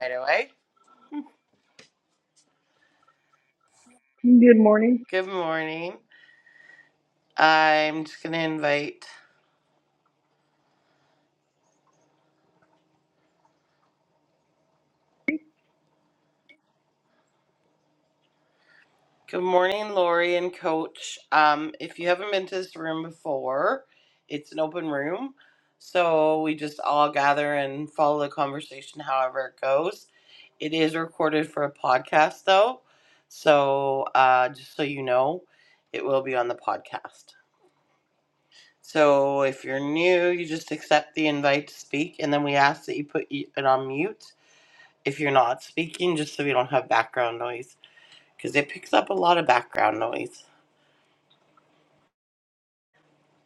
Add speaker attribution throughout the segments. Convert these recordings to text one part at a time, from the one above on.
Speaker 1: right away.
Speaker 2: Good morning.
Speaker 1: Good morning. I'm just gonna invite. Good morning, Lori and Coach. Um, if you haven't been to this room before, it's an open room, so we just all gather and follow the conversation however it goes. It is recorded for a podcast though, so uh, just so you know, it will be on the podcast. So if you're new, you just accept the invite to speak, and then we ask that you put it on mute if you're not speaking, just so we don't have background noise, because it picks up a lot of background noise.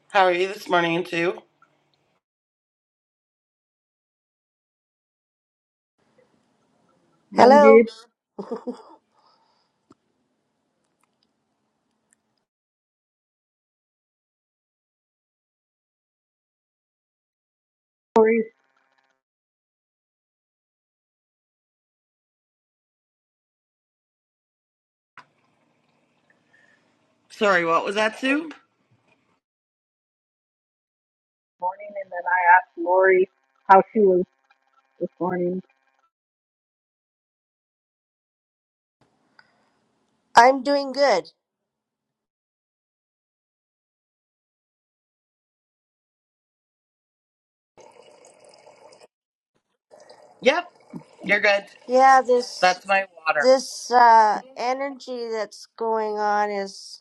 Speaker 1: How are you this morning, Sue?
Speaker 2: I'm good.
Speaker 3: Hello,
Speaker 2: Lori this
Speaker 1: Sorry, what was that, Sue?
Speaker 2: morning, and then I asked Lori how she was this morning.
Speaker 3: I'm doing good.
Speaker 1: Yep, you're good.
Speaker 3: Yeah, this
Speaker 1: That's my water.
Speaker 3: this uh, energy that's going on is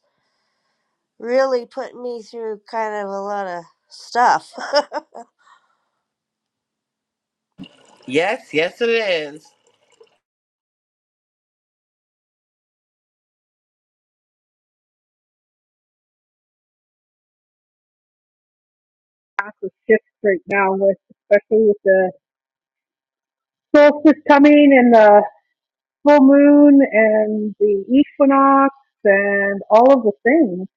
Speaker 3: really putting me through kind of a lot of stuff.
Speaker 1: Yes, yes, it is.
Speaker 2: That's a shift right now, with especially with the solstice coming and the full moon and the equinox and all of the things.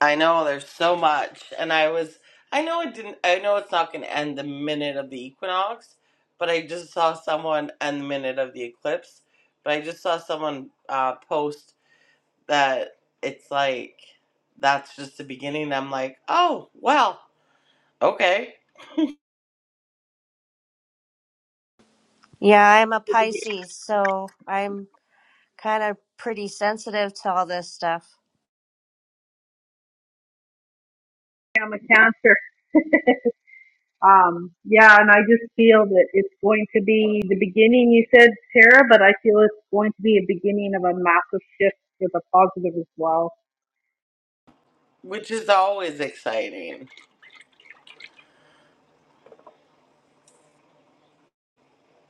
Speaker 1: I know there's so much, and I was, I know it didn't, I know it's not going to end the minute of the equinox, but I just saw someone end the minute of the eclipse, but I just saw someone uh, post that it's like that's just the beginning. I'm like, oh well, Okay,
Speaker 3: Yeah, I'm a
Speaker 2: So the
Speaker 3: Pisces, so I'm kind of pretty sensitive to all this stuff.
Speaker 2: I'm a Cancer. Um, yeah, and I just feel that it's going to be the beginning, you said, Tara, but I feel it's going to be a beginning of a massive shift for the positive as well.
Speaker 1: which is always exciting.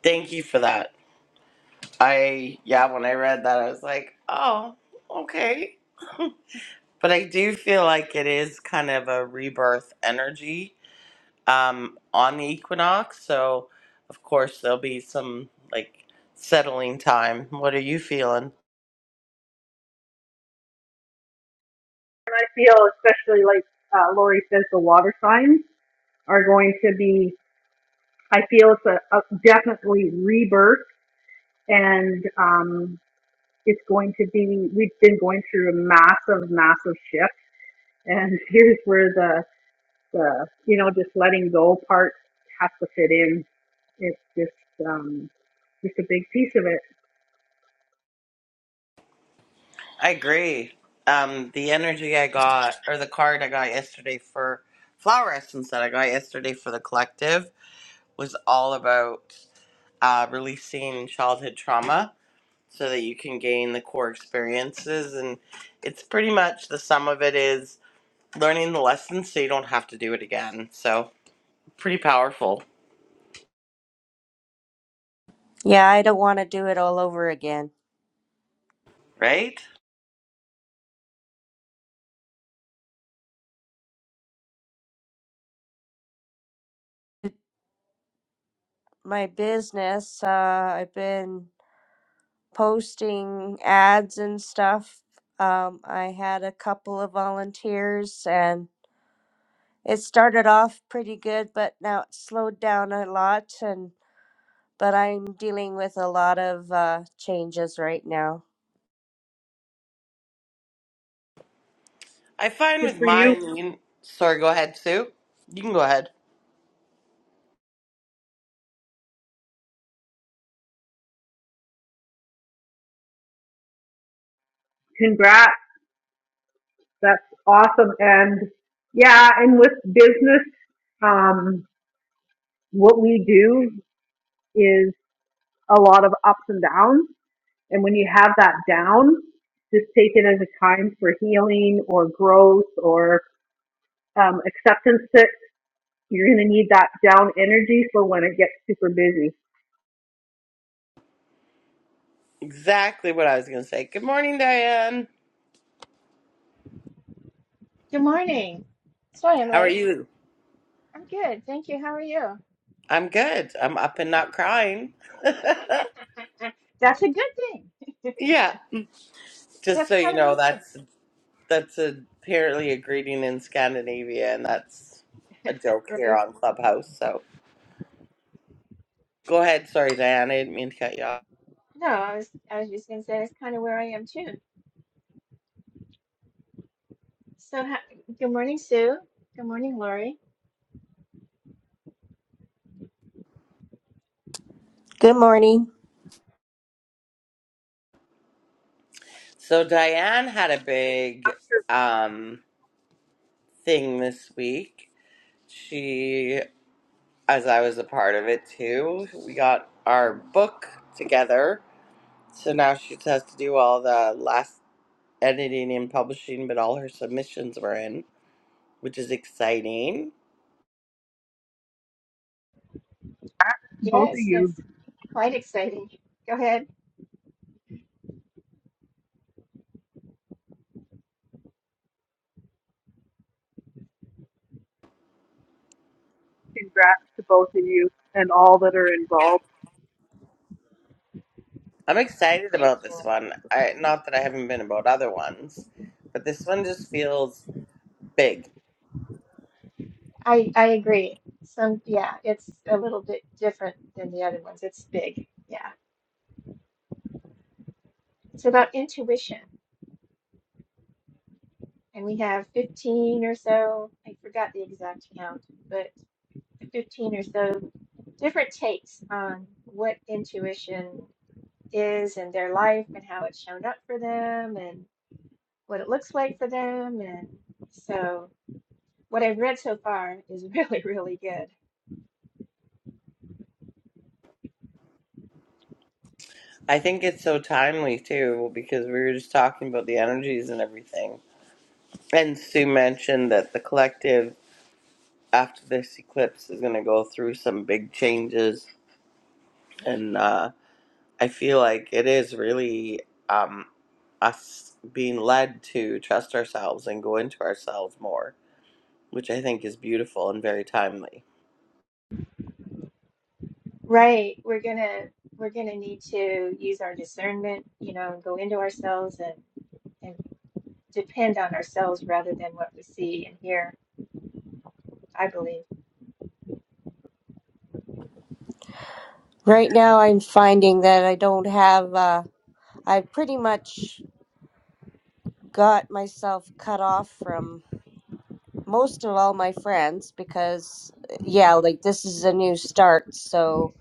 Speaker 1: Thank you for that. I, yeah, when I read that, I was like, oh, okay. But I do feel like it is kind of a rebirth energy um, on the equinox. So, of course, there'll be some like settling time. What are you feeling?
Speaker 2: And I feel, especially like uh, Lori says, the water signs are going to be, I feel it's a, a definitely rebirth and um, it's going to be, we've been going through a massive, massive shift. And here's where the, the, you know, just letting go part has to fit in. It's just, um, Just a big piece of it.
Speaker 1: I agree. Um, the energy I got, or the card I got yesterday for Flower Essence that I got yesterday for the collective was all about uh, releasing childhood trauma so that you can gain the core experiences. And it's pretty much the sum of it is learning the lessons so you don't have to do it again. So, pretty powerful,
Speaker 3: Yeah, I don't want to do it all over again.
Speaker 1: right?
Speaker 3: My business, uh, I've been posting ads and stuff. Um, I had a couple of volunteers and it started off pretty good, but now it slowed down a lot. And but I'm dealing with a lot of uh, changes right now.
Speaker 1: I find
Speaker 2: Good
Speaker 1: with
Speaker 2: for you.
Speaker 1: mine, you can, sorry, go ahead, Sue. You can go ahead.
Speaker 2: Congrats. That's awesome. And yeah, and with business, um, what we do is a lot of ups and downs. And when you have that down, just take it as a time for healing or growth or um, acceptance that you're going to need that down energy for when it gets super busy.
Speaker 1: Exactly what I was going to say. Good morning, Diane.
Speaker 4: Good morning. Sorry I'm
Speaker 1: How are
Speaker 4: late.
Speaker 1: you?
Speaker 4: I'm good. Thank you. How are you?
Speaker 1: I'm good. I'm up and not crying.
Speaker 4: That's a good thing.
Speaker 1: Yeah, just
Speaker 4: That's
Speaker 1: so you
Speaker 4: kind of
Speaker 1: know,
Speaker 4: me
Speaker 1: that's That's apparently a greeting in Scandinavia, and that's
Speaker 4: too.
Speaker 1: a joke here
Speaker 4: Right?
Speaker 1: on Clubhouse. So go ahead. Sorry, Diane. I didn't mean to cut you off.
Speaker 4: No, I was I was just gonna say that's kind of where I am too. So ha good morning, Sue. Good morning, Lori.
Speaker 3: Good morning.
Speaker 1: So Diane had a big um, thing this week. She, as I was a part of it too, we got our book together. So now she has to do all the last editing and publishing, but all her submissions were in, which is exciting.
Speaker 2: Both of
Speaker 4: Yes,
Speaker 2: you,
Speaker 4: that's quite exciting. Go ahead.
Speaker 2: congrats to both of you and all that are involved.
Speaker 1: I'm excited
Speaker 4: Thank
Speaker 1: about this
Speaker 4: you.
Speaker 1: one. I not that I haven't been about other ones, but this one just feels big.
Speaker 4: I I agree. Some yeah, it's a little bit different than the other ones. It's big. Yeah. It's about intuition. And we have 15 or so. I forgot the exact count, but 15 or so different takes on what intuition is in their life and how it's shown up for them and what it looks like for them. And so what I've read so far is really, really good.
Speaker 1: I think it's so timely too because we were just talking about the energies and everything. And Sue mentioned that the collective after this eclipse is going to go through some big changes and uh I feel like it is really um us being led to trust ourselves and go into ourselves more, which I think is beautiful and very timely.
Speaker 4: Right. We're gonna we're gonna need to use our discernment, you know, and go into ourselves and, and depend on ourselves rather than what we see and hear, I believe.
Speaker 3: Right now, I'm finding that I don't have. Uh, I've pretty much got myself cut off from most of all my friends because, uh, yeah, like this is a new start. So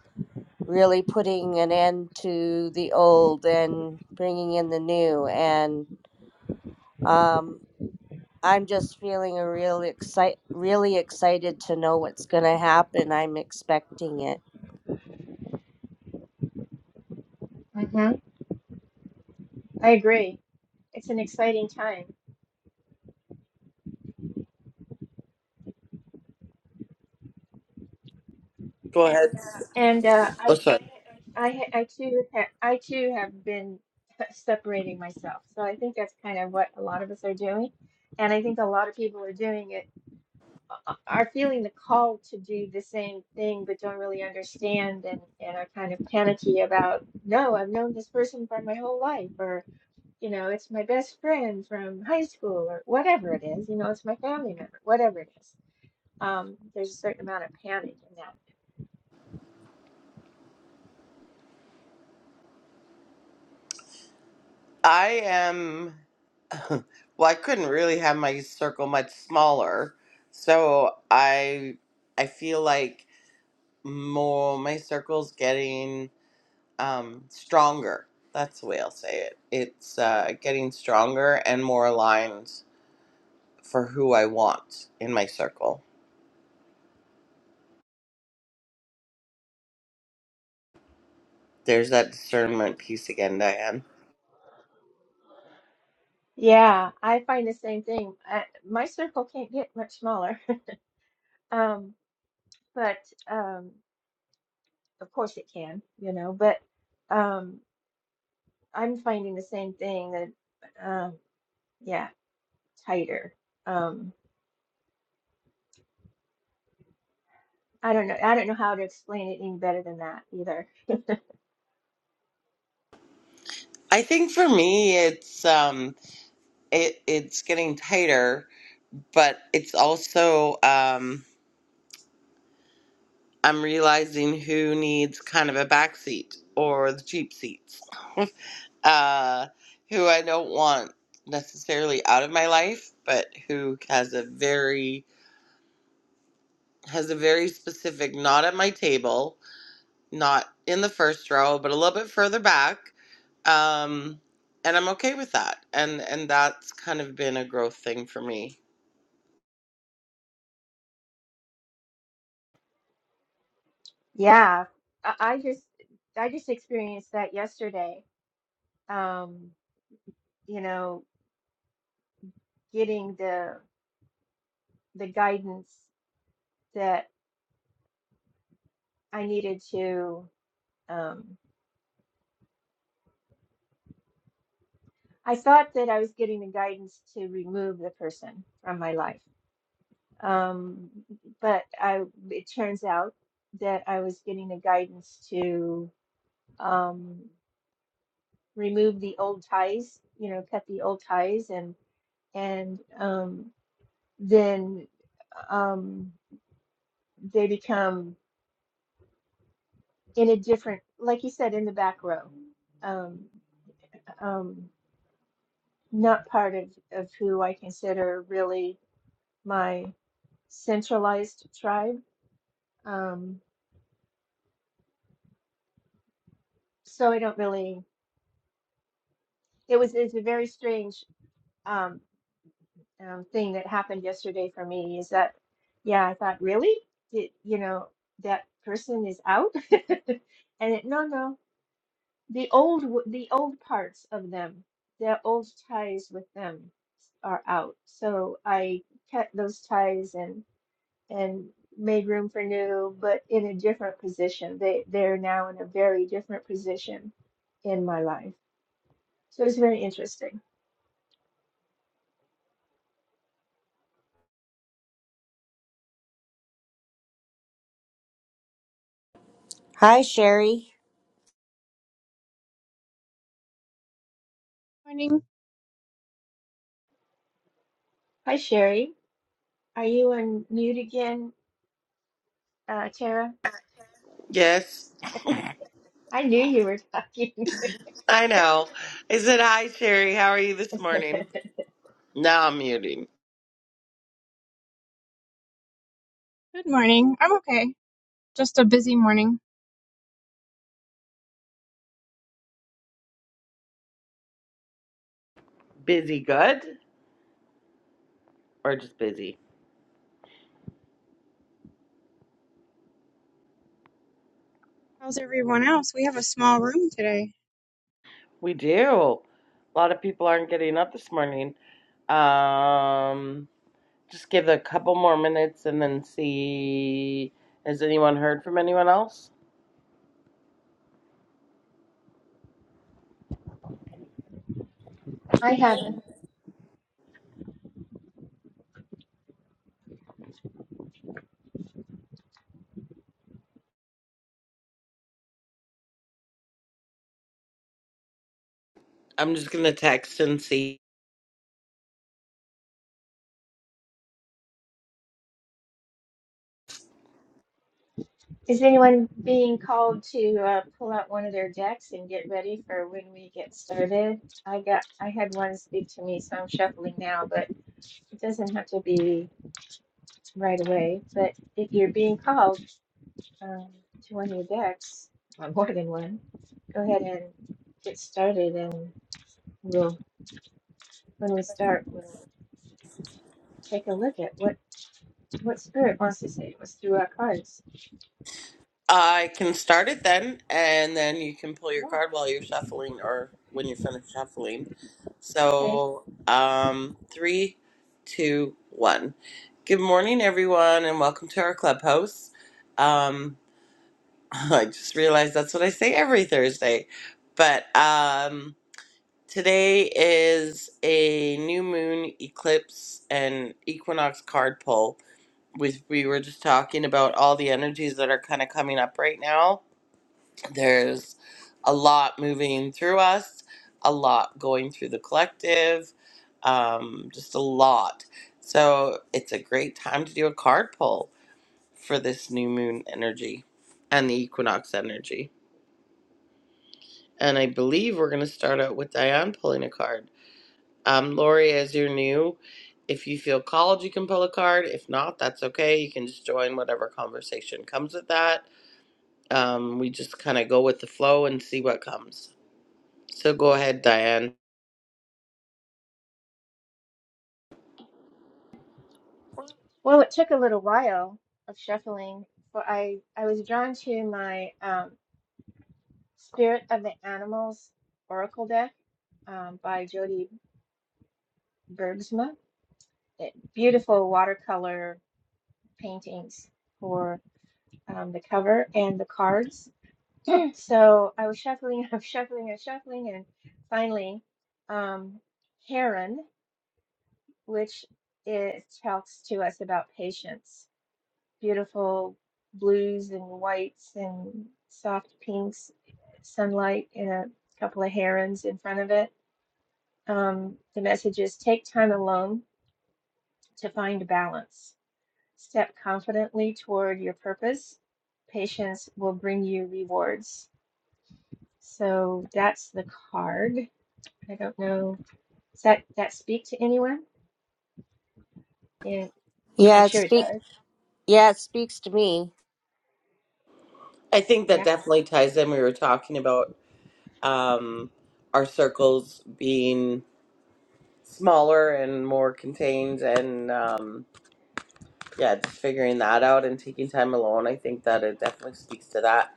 Speaker 3: really putting an end to the old and bringing in the new and. Um, I'm just feeling a real excite really excited to know what's going to happen. I'm expecting it.
Speaker 4: hmm I agree. It's an exciting time.
Speaker 1: Go ahead.
Speaker 4: And uh, I
Speaker 1: Oh, sorry.
Speaker 4: I ha- I too ha- I too have been separating myself. So I think that's kind of what a lot of us are doing, and I think a lot of people are doing it a- are feeling the call to do the same thing, but don't really understand and and are kind of panicky about. No, I've known this person for my whole life, or you know, it's my best friend from high school, or whatever it is. You know, it's my family member, whatever it is. Um, there's a certain amount of panic in that.
Speaker 1: I am, well, I couldn't really have my circle much smaller. So I I feel like more my circle's getting um stronger. That's the way I'll say it. It's uh getting stronger and more aligned for who I want in my circle. There's that discernment piece again, Diane.
Speaker 4: Yeah, I find the same thing. I, my circle can't get much smaller. Um, but um, of course it can, you know, but um, I'm finding the same thing that um, yeah, tighter. Um, I don't know. I don't know how to explain it any better than that either.
Speaker 1: I think for me it's um it it's getting tighter, but it's also um I'm realizing who needs kind of a back seat or the cheap seats, uh, who I don't want necessarily out of my life, but who has a very has a very specific not at my table, not in the first row, but a little bit further back. Um, and I'm okay with that. And and that's kind of been a growth thing for me.
Speaker 4: Yeah, I, I just I just experienced that yesterday. Um, you know, getting the the guidance that I needed to. Um, I thought that I was getting the guidance to remove the person from my life. Um, but I, it turns out that I was getting the guidance to um, remove the old ties, you know, cut the old ties and, and um, then um, they become in a different, like you said, in the back row, um, um, not part of, of who I consider really my centralized tribe Um, so I don't really, it was, it's a very strange um, um, thing that happened yesterday for me is that, yeah, I thought, really? Did, you know, that person is out? And it, no, no, the old, w- the old parts of them, the old ties with them are out. So I kept those ties and, and made room for new, but in a different position. They, they're now in a very different position in my life. So it's very interesting.
Speaker 3: Hi Sherry.
Speaker 5: Morning.
Speaker 4: Hi, Sherry. Are you on mute again, uh, Tara?
Speaker 1: Yes,
Speaker 4: I knew you were talking.
Speaker 1: I know. I said hi, Sherry. How are you this morning? Now I'm muting.
Speaker 5: Good morning. I'm okay. Just a busy morning.
Speaker 1: Busy, good. Or just busy.
Speaker 5: How's everyone else? We have a small room today.
Speaker 1: We do. A lot of people aren't getting up this morning. Um, just give it a couple more minutes and then see. Has anyone heard from anyone else?
Speaker 4: I haven't.
Speaker 1: I'm just gonna text and see.
Speaker 4: Is anyone being called to uh, pull out one of their decks and get ready for when we get started? I got. I had one speak to me, so I'm shuffling now, but it doesn't have to be right away. But if you're being called um, to one of your decks, more than one, go ahead and get started, and we'll when we start, we'll take a look at what What Spirit wants to say it was through our cards.
Speaker 1: I can start it then, and then you can pull your
Speaker 4: Wow.
Speaker 1: card while you're shuffling or when you're finished shuffling.
Speaker 4: Okay.
Speaker 1: So, um, three, two, one. Good morning, everyone, and welcome to our clubhouse. Um, I just realized that's what I say every Thursday. But um, today is a new moon eclipse and equinox card pull. We we were just talking about all the energies that are kind of coming up right now. There's a lot moving through us, a lot going through the collective, um, just a lot. So it's a great time to do a card pull for this new moon energy and the equinox energy. And I believe we're going to start out with Diane pulling a card. Um, Lori, as you're new, if you feel called, you can pull a card. If not, that's okay. You can just join whatever conversation comes with that. Um, we just kind of go with the flow and see what comes. So go ahead, Diane.
Speaker 4: Well, it took a little while of shuffling, but I, I was drawn to my um, Spirit of the Animals Oracle deck um, by Jody Bergsma. It, beautiful watercolor paintings for um, the cover and the cards. So I was shuffling, I was shuffling, I was shuffling, and finally, um, Heron, which it talks to us about patience. beautiful blues and whites and soft pinks, sunlight, and a couple of herons in front of it. Um, the message is take time alone to find balance. Step confidently toward your purpose. Patience will bring you rewards. So that's the card. I don't know. Does that, that speak to anyone? It, I'm
Speaker 3: Yeah, it
Speaker 4: sure it
Speaker 3: speak
Speaker 4: does.
Speaker 3: yeah, it speaks to me.
Speaker 1: I think that
Speaker 4: Yeah.
Speaker 1: definitely ties in. We were talking about um, our circles being smaller and more contained and um, yeah just figuring that out and taking time alone i think that it definitely speaks to that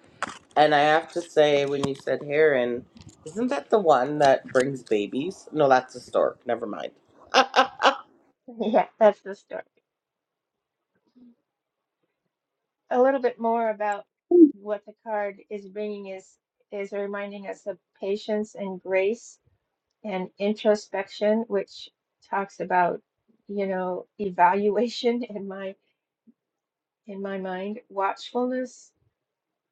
Speaker 1: And I have to say, when you said heron, isn't that the one that brings babies? No, that's a stork. Never mind. I
Speaker 4: Yeah, that's the story. a little bit more about what the card is bringing is is reminding us of patience and grace and introspection which talks about you know evaluation in my in my mind watchfulness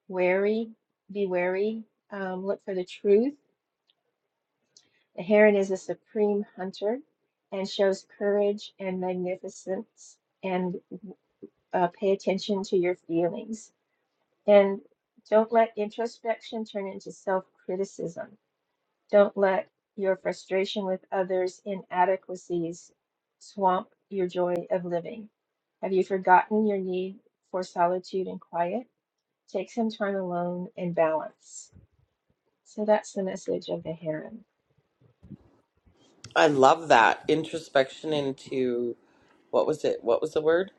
Speaker 4: wary be wary um, look for the truth the heron is a supreme hunter and shows courage and magnificence and uh, pay attention to your feelings And don't let introspection turn into self criticism. Don't let your frustration with others' inadequacies swamp your joy of living. Have you forgotten your need for solitude and quiet? Take some time alone and balance. So that's the message of the heron.
Speaker 1: love that introspection into what was it? What was the word?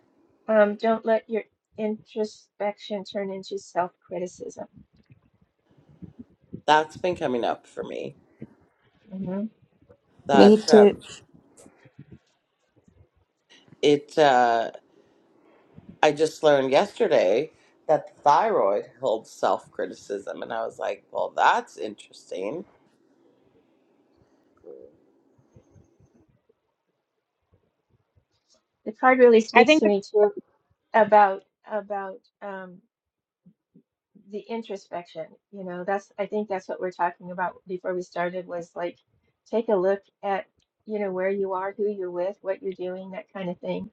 Speaker 4: Um, don't let your introspection turn into self criticism.
Speaker 1: That's been coming up for me.
Speaker 4: The
Speaker 3: Me
Speaker 1: That
Speaker 3: too.
Speaker 1: um, it. Uh, I just learned yesterday that the thyroid holds self criticism, and I was like, "Well, that's interesting."
Speaker 4: card really
Speaker 5: I
Speaker 4: speaks
Speaker 5: think
Speaker 4: to me too about about um, the introspection you know that's i think that's what we're talking about before we started was like take a look at you know where you are who you're with what you're doing that kind of thing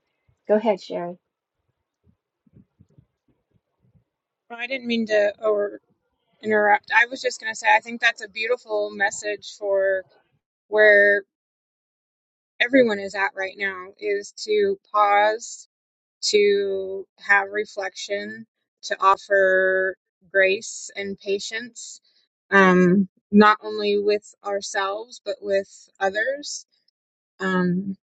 Speaker 4: go ahead sherry
Speaker 5: well, I didn't mean to over interrupt. I was just going to say I think that's a beautiful message for where everyone is at right now is to pause, to have reflection, to offer grace and patience um not only with ourselves but with others Um,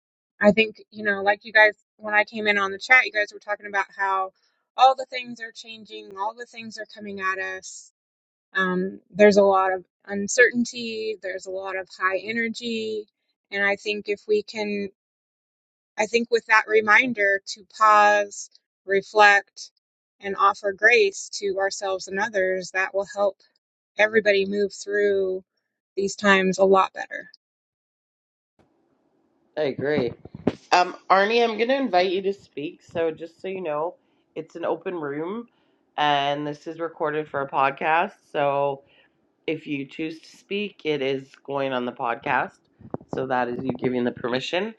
Speaker 5: I think, you know, like you guys, when I came in on the chat, you guys were talking about how all the things are changing, all the things are coming at us. Um, there's a lot of uncertainty, there's a lot of high energy. And I think if we can, I think with that reminder to pause, reflect, and offer grace to ourselves and others, that will help everybody move through these times a lot better.
Speaker 1: I agree. Um, Arnie, I'm going to invite you to speak. So, just so you know, it's an open room and this is recorded for a podcast. So, if you choose to speak, it is going on the podcast. So, that is you giving the permission.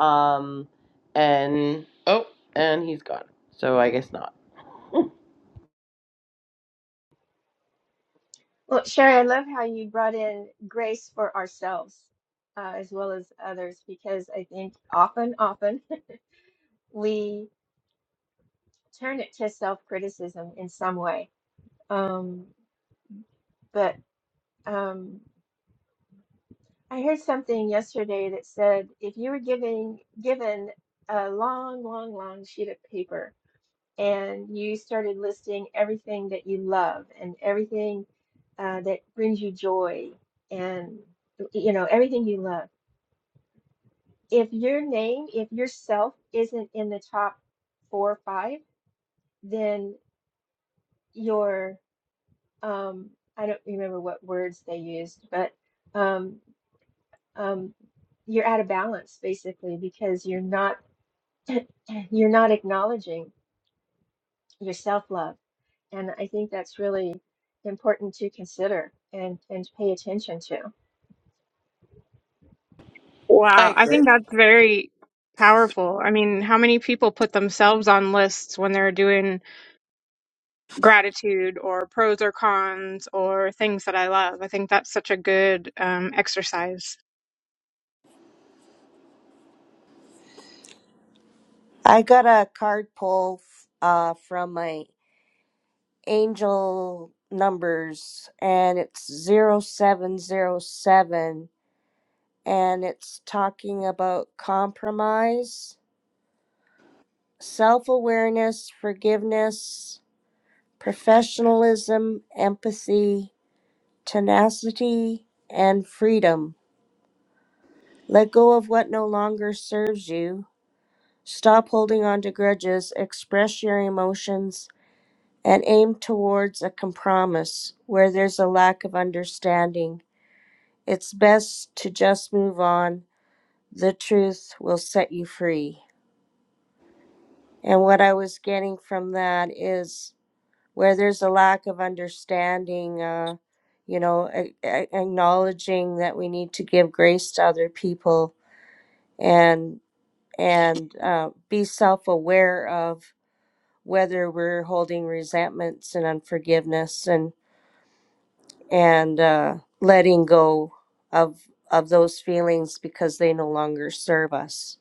Speaker 1: Um, and oh, and he's gone. So, I guess not.
Speaker 4: well sherry i love how you brought in grace for ourselves uh, as well as others because i think often often we turn it to self-criticism in some way um, but um, I heard something yesterday that said if you were giving given a long, long, long sheet of paper and you started listing everything that you love and everything uh, that brings you joy and you know everything you love, if your name, if yourself isn't in the top four or five, then your um, I don't remember what words they used, but um, um, you're out of balance basically because you're not you're not acknowledging your self-love. And I think that's really important to consider and, and pay attention to.
Speaker 1: I
Speaker 5: Wow, I
Speaker 1: agree.
Speaker 5: think that's very powerful. I mean, how many people put themselves on lists when they're doing gratitude or pros or cons or things that I love? I think that's such a good um, exercise.
Speaker 3: I got a card pull f- uh from my angel numbers and it's zero seven zero seven, and it's talking about compromise, self-awareness, forgiveness, professionalism, empathy, tenacity, and freedom. Let go of what no longer serves you. Stop holding on to grudges, express your emotions, and aim towards a compromise where there's a lack of understanding. It's best to just move on. The truth will set you free. And what I was getting from that is where there's a lack of understanding, uh, you know, a- a- acknowledging that we need to give grace to other people and and uh, be self-aware of whether we're holding resentments and unforgiveness and and uh, letting go of of those feelings because they no longer serve us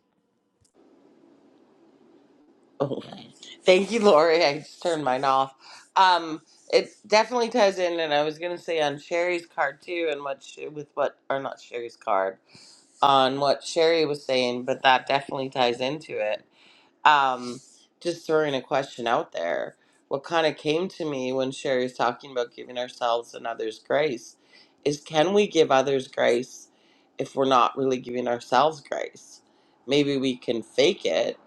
Speaker 1: Oh, thank you, Lori. I just turned mine off. Um, it definitely ties in, and I was going to say on Sherry's card too, and what she, with what, or not Sherry's card. on what Sherry was saying, but that definitely ties into it. Um, just throwing a question out there. What kind of came to me when Sherry's talking about giving ourselves and others grace is can we give others grace if we're not really giving ourselves grace? Maybe we can fake it,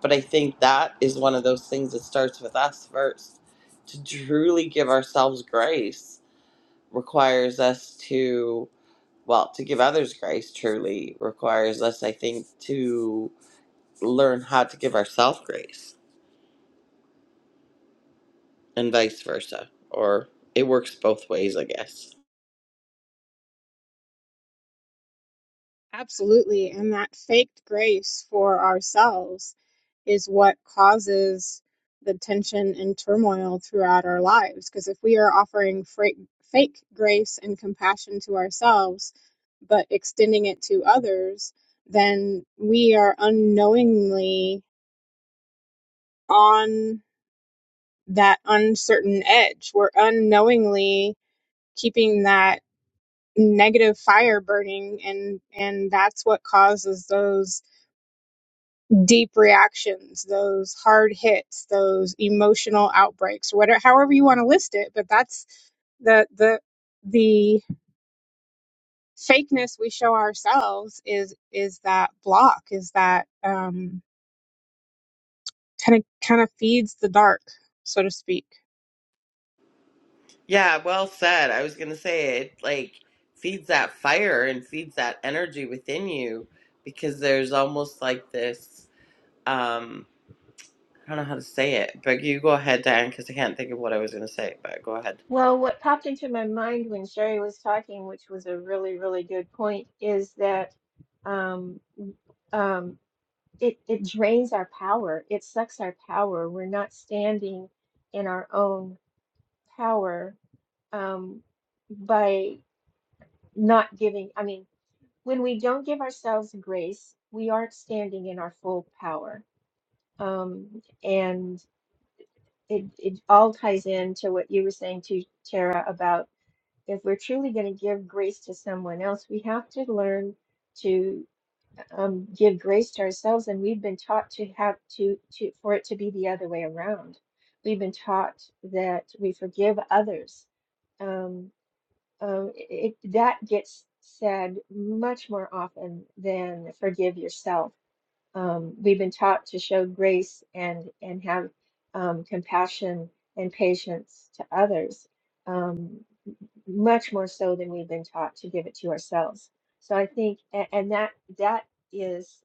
Speaker 1: but I think that is one of those things that starts with us first. To truly give ourselves grace requires us to well, to give others grace truly requires us, I think, to learn how to give ourselves grace and vice versa. Or it works both ways, I guess.
Speaker 5: Absolutely. And that faked grace for ourselves is what causes the tension and turmoil throughout our lives. Because if we are offering fra- fake grace and compassion to ourselves, but extending it to others, then we are unknowingly on that uncertain edge. We're unknowingly keeping that negative fire burning and and that's what causes those deep reactions, those hard hits, those emotional outbreaks, whatever, however you want to list it. But that's the the the fakeness we show ourselves is is that block, is that um, kind of kind of feeds the dark, so to speak.
Speaker 1: Yeah, well said. I was going to say it like feeds that fire and feeds that energy within you because there's almost like this um I don't know how to say it, but you go ahead, Diane, because I can't think of what I was going to say, but go ahead.
Speaker 4: Well, what popped into my mind when Sherry was talking, which was a really, really good point, is that um, um, it, it drains our power. It sucks our power. We're not standing in our own power um, by not giving. I mean, when we don't give ourselves grace, we aren't standing in our full power. Um, and it, it all ties into what you were saying to Tara about if we're truly going to give grace to someone else, we have to learn to um, give grace to ourselves. And we've been taught to have to, to for it to be the other way around. We've been taught that we forgive others um, um, it, that gets said much more often than forgive yourself. Um, we've been taught to show grace and and have um, compassion and patience to others, um, much more so than we've been taught to give it to ourselves. So I think, and, and that that is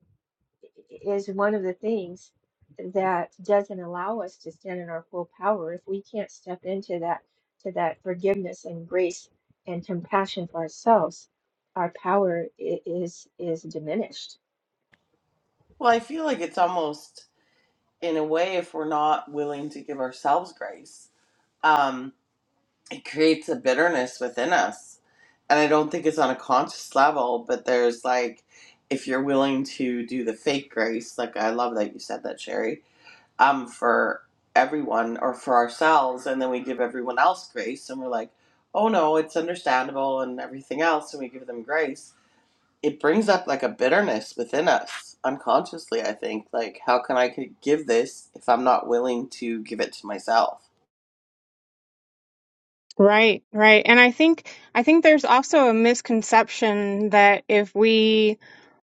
Speaker 4: is one of the things that doesn't allow us to stand in our full power if we can't step into that to that forgiveness and grace and compassion for ourselves our power i- is is diminished
Speaker 1: Well, I feel like it's almost in a way if we're not willing to give ourselves grace. um, it creates a bitterness within us. And I don't think it's on a conscious level, but there's like, if you're willing to do the fake grace, like I love that you said that, Sherry, um, for everyone or for ourselves, and then we give everyone else grace and we're like, oh no, it's understandable and everything else, and we give them grace. It brings up like a bitterness within us unconsciously, I think. Like, how can I could give this if I'm not willing to give it to myself?
Speaker 5: Right, right. And I think I think there's also a misconception that if we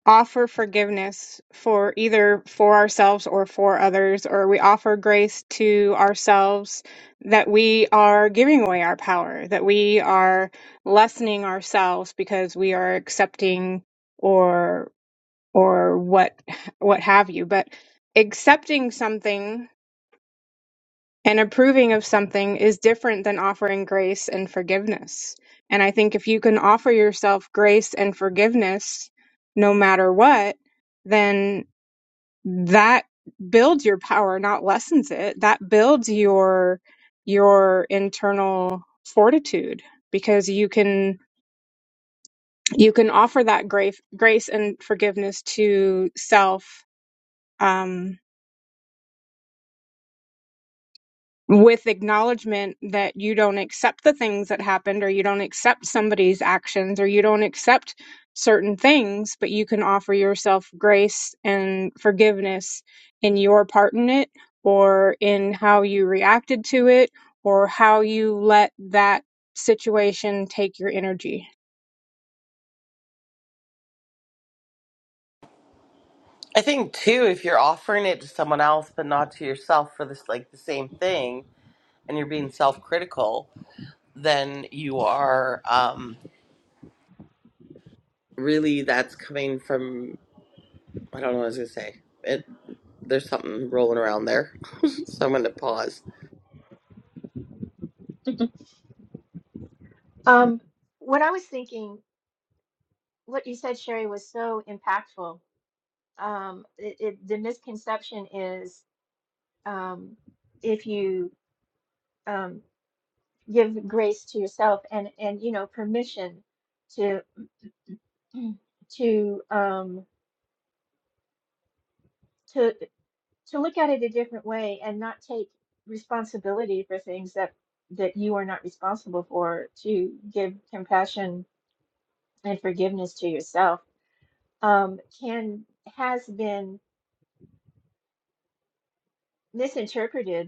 Speaker 5: offer forgiveness for either for ourselves or for others, or we offer grace to ourselves that we are giving away our power, that we are lessening ourselves because we are accepting or or what what have you. But accepting something and approving of something is different than offering grace and forgiveness. And I think if you can offer yourself grace and forgiveness no matter what, then that builds your power, not lessens it. That builds your your internal fortitude because you can you can offer that grace grace and forgiveness to self um with acknowledgement that you don't accept the things that happened or you don't accept somebody's actions or you don't accept certain things but you can offer yourself grace and forgiveness in your part in it or in how you reacted to it or how you let that situation take your energy
Speaker 1: I think too, if you're offering it to someone else but not to yourself for this like the same thing, and you're being self-critical, then you are um, really that's coming from I don't know what I was gonna say. It, there's something rolling around there, so I'm gonna pause.
Speaker 4: um what i was thinking what you said sherry was so impactful um it, it, the misconception is um, if you um, give grace to yourself and and you know permission to to um, to to look at it a different way and not take responsibility for things that that you are not responsible for to give compassion and forgiveness to yourself um, can has been misinterpreted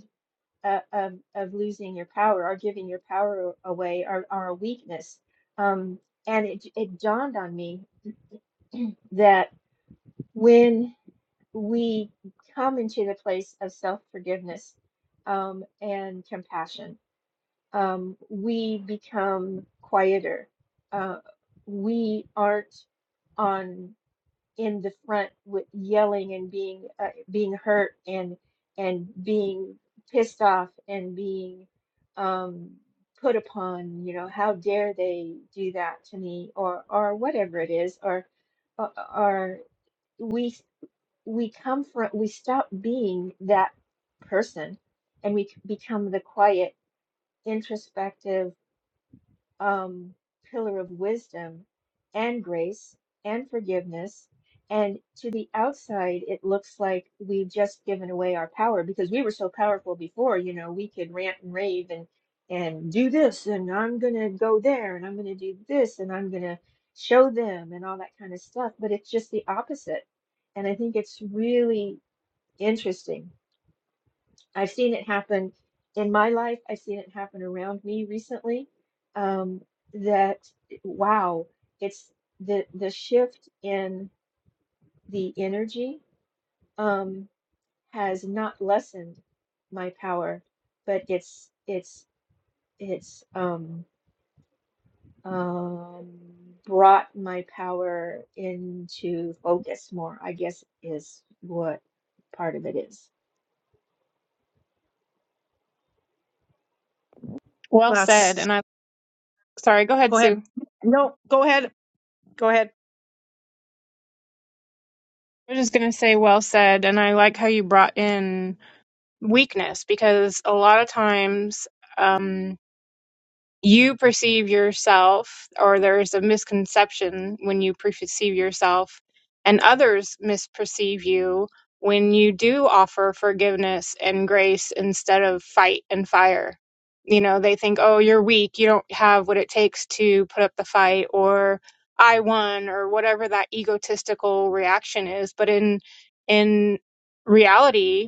Speaker 4: uh, of of losing your power or giving your power away are, are a weakness. Um, and it it dawned on me that when we come into the place of self forgiveness um, and compassion, um, we become quieter. Uh, we aren't on in the front with yelling and being uh, being hurt and and being pissed off and being um, put upon. You know, how dare they do that to me, or or whatever it is, or or or we we come from we stop being that person and we c- become the quiet, introspective um, pillar of wisdom and grace and forgiveness. And to the outside, it looks like we've just given away our power because we were so powerful before. You know, we could rant and rave and and do this, and I'm gonna go there, and I'm gonna do this, and I'm gonna show them, and all that kind of stuff. But it's just the opposite, and I think it's really interesting I've seen it happen in my life. I've seen it happen around me recently. Um, that wow, it's the the shift in the energy um, has not lessened my power, but it's it's it's um, um, brought my power into focus more. I guess is what part of it is.
Speaker 5: well said
Speaker 2: That's
Speaker 5: and i sorry go ahead
Speaker 2: go ahead.
Speaker 5: sue
Speaker 2: No, go ahead. Go ahead.
Speaker 5: i was just going to say well said and i like how you brought in weakness because a lot of times um, you perceive yourself, or there's a misconception when you perceive yourself, and others misperceive you when you do offer forgiveness and grace instead of fight and fire. You know, they think, oh, you're weak, you don't have what it takes to put up the fight, or I won, or whatever that egotistical reaction is. But in in reality,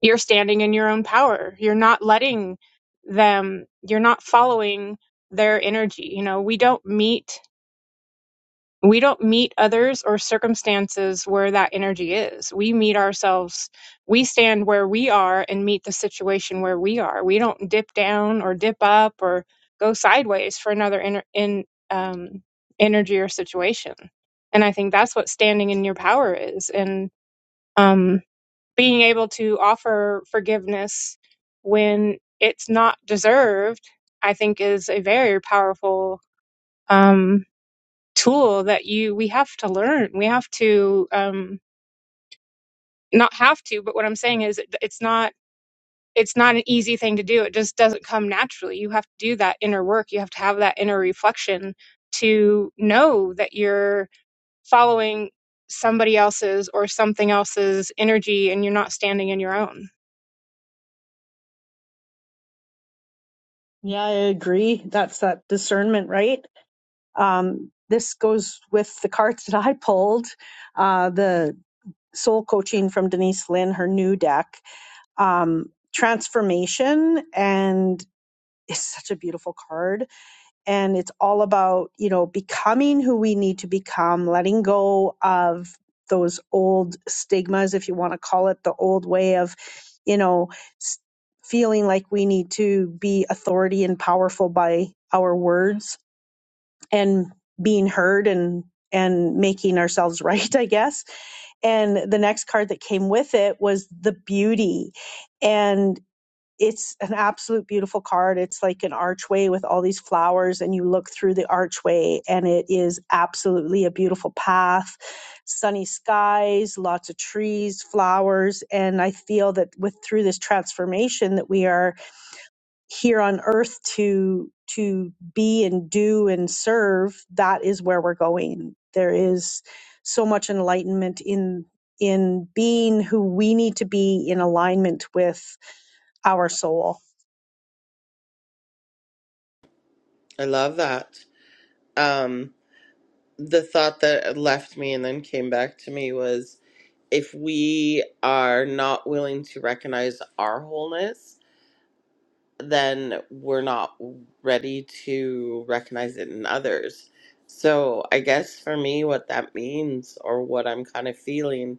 Speaker 5: you're standing in your own power. You're not letting them, you're not following their energy. You know, we don't meet we don't meet others or circumstances where that energy is. We meet ourselves. We stand where we are and meet the situation where we are. We don't dip down or dip up or go sideways for another in, in um, energy or situation. And I think that's what standing in your power is. And um being able to offer forgiveness when it's not deserved, I think is a very powerful um, tool that you we have to learn. We have to um, not have to, but what I'm saying is it, it's not it's not an easy thing to do. It just doesn't come naturally. You have to do that inner work. You have to have that inner reflection to know that you're following somebody else's or something else's energy and you're not standing in your own.
Speaker 2: Yeah, I agree. That's that discernment, right? Um, this goes with the cards that I pulled. Uh, the soul coaching from Denise Lynn, her new deck, um, transformation, and it's such a beautiful card and it's all about you know becoming who we need to become letting go of those old stigmas if you want to call it the old way of you know s- feeling like we need to be authority and powerful by our words and being heard and and making ourselves right i guess and the next card that came with it was the beauty and it's an absolute beautiful card. It's like an archway with all these flowers, and you look through the archway, and it is absolutely a beautiful path. Sunny skies, lots of trees, flowers, and I feel that with through this transformation that we are here on earth to to be and do and serve, that is where we're going. There is so much enlightenment in in being who we need to be in alignment with our soul
Speaker 1: I love that. Um, the thought that left me and then came back to me was if we are not willing to recognize our wholeness then we're not ready to recognize it in others. So I guess for me, what that means or what I'm kind of feeling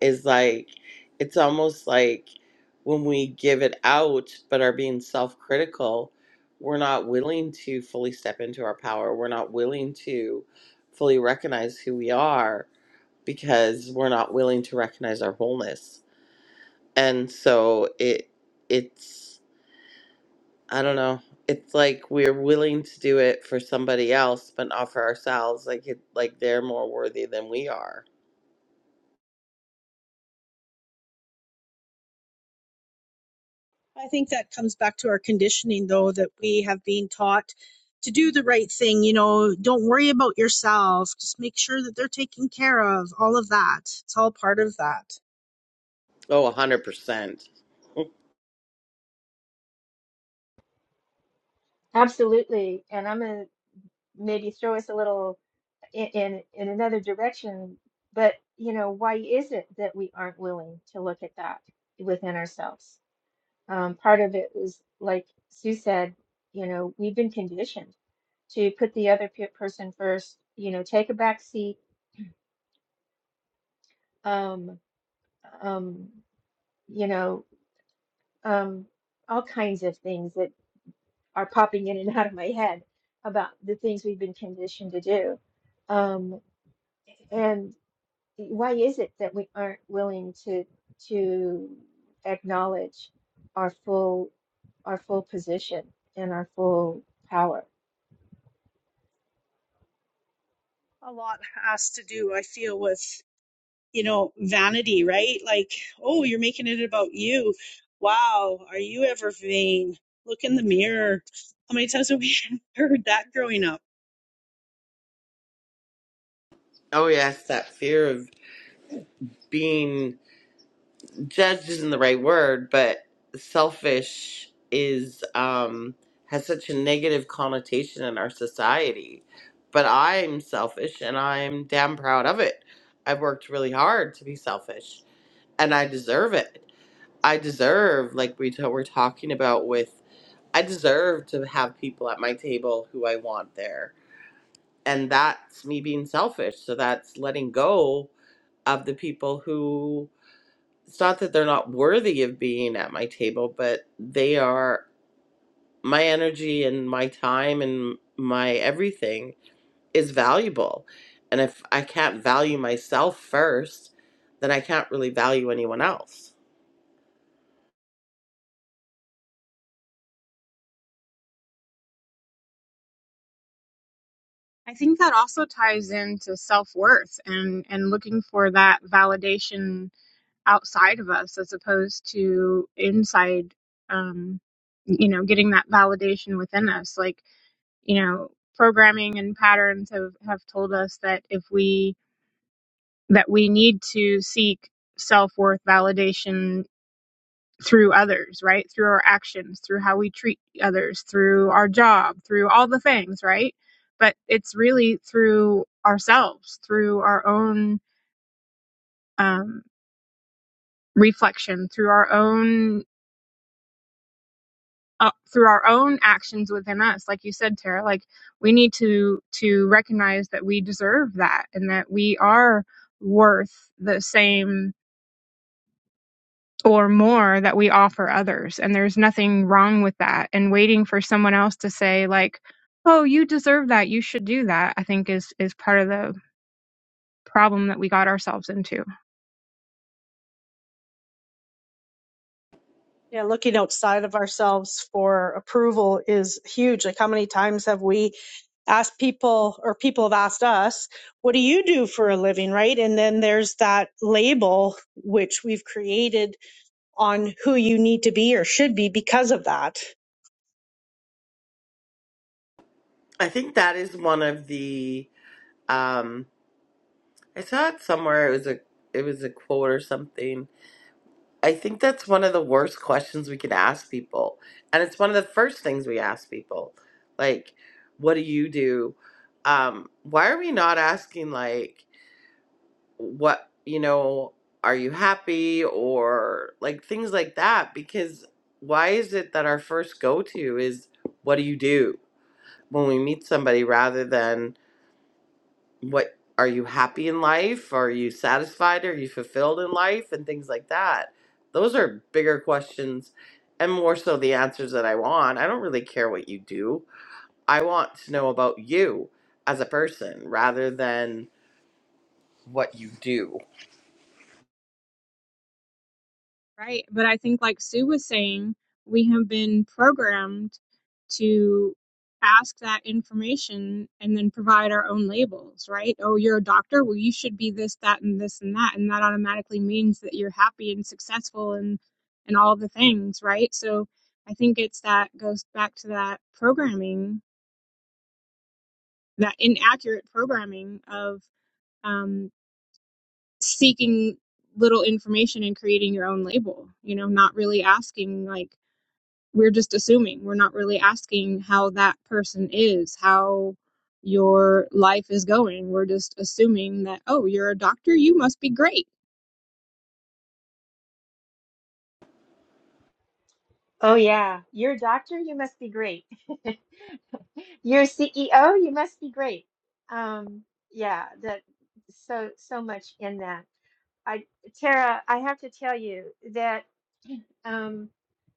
Speaker 1: is like it's almost like when we give it out but are being self critical, we're not willing to fully step into our power. We're not willing to fully recognize who we are because we're not willing to recognize our wholeness. And so it it's I don't know. It's like we're willing to do it for somebody else, but not for ourselves. Like it, like they're more worthy than we are.
Speaker 2: I think that comes back to our conditioning, though, that we have been taught to do the right thing. You know, don't worry about yourself. Just make sure that they're taken care of. All of that. It's all part of that.
Speaker 1: Oh, a hundred percent.
Speaker 4: Absolutely, and I'm gonna maybe throw us a little in, in in another direction. But you know, why is it that we aren't willing to look at that within ourselves? Um, part of it is like Sue said, you know, we've been conditioned to put the other pe- person first. You know, take a back seat. Um, um, you know, um, all kinds of things that are popping in and out of my head about the things we've been conditioned to do. Um, why is it that we aren't willing to to acknowledge our full our full position and our full power?
Speaker 2: A lot has to do, I feel, with, you know, vanity, right? Like, oh, you're making it about you. Wow. Are you ever vain? Look in the mirror. How many times have we heard that growing up?
Speaker 1: Oh yes, that fear of being judged isn't the right word, but selfish is um has such a negative connotation in our society. But I'm selfish and I'm damn proud of it. I've worked really hard to be selfish and I deserve it. I deserve, like we t- were talking about with, I deserve to have people at my table who I want there. And that's me being selfish. So that's letting go of the people who, it's not that they're not worthy of being at my table, but they are, my energy and my time and my everything is valuable. And if I can't value myself first, then I can't really value anyone else.
Speaker 5: I think that also ties into self-worth and and looking for that validation outside of us as opposed to inside um you know getting that validation within us like you know programming and patterns have have told us that if we that we need to seek self-worth validation through others, right? Through our actions, through how we treat others, through our job, through all the things, right? But it's really through ourselves, through our own um, reflection, through our own uh, through our own actions within us. Like you said, Tara, like we need to to recognize that we deserve that and that we are worth the same or more that we offer others. And there's nothing wrong with that. And waiting for someone else to say, like, oh, you deserve that. You should do that, I think is, is part of the problem that we got ourselves into.
Speaker 2: Yeah, looking outside of ourselves for approval is huge. Like, how many times have we asked people, or people have asked us, what do you do for a living, right? And then there's that label which we've created on who you need to be or should be because of that.
Speaker 1: I think that is one of the, um, I saw it somewhere. It was a it was a quote or something. I think that's one of the worst questions we could ask people. And it's one of the first things we ask people. Like, what do you do? Um, why are we not asking like what, you know, are you happy or like things like that? Because why is it that our first go to is what do you do when we meet somebody rather than what are you happy in life are you satisfied are you fulfilled in life and things like that those are bigger questions and more so the answers that i want i don't really care what you do i want to know about you as a person rather than what you do
Speaker 5: Right. But I think, like Sue was saying, we have been programmed to ask that information and then provide our own labels, right? Oh, you're a doctor. Well, you should be this, that, and this, and that. And that automatically means that you're happy and successful and, and all the things, right? So I think it's that goes back to that programming, that inaccurate programming of um, seeking little information and creating your own label, you know, not really asking, like, we're just assuming we're not really asking how that person is how your life is going we're just assuming that oh you're a doctor you must be great
Speaker 4: Oh yeah, you're a doctor, you must be great. You're a CEO, you must be great. Um, yeah, that so so much in that. I Tara, I have to tell you that. Um,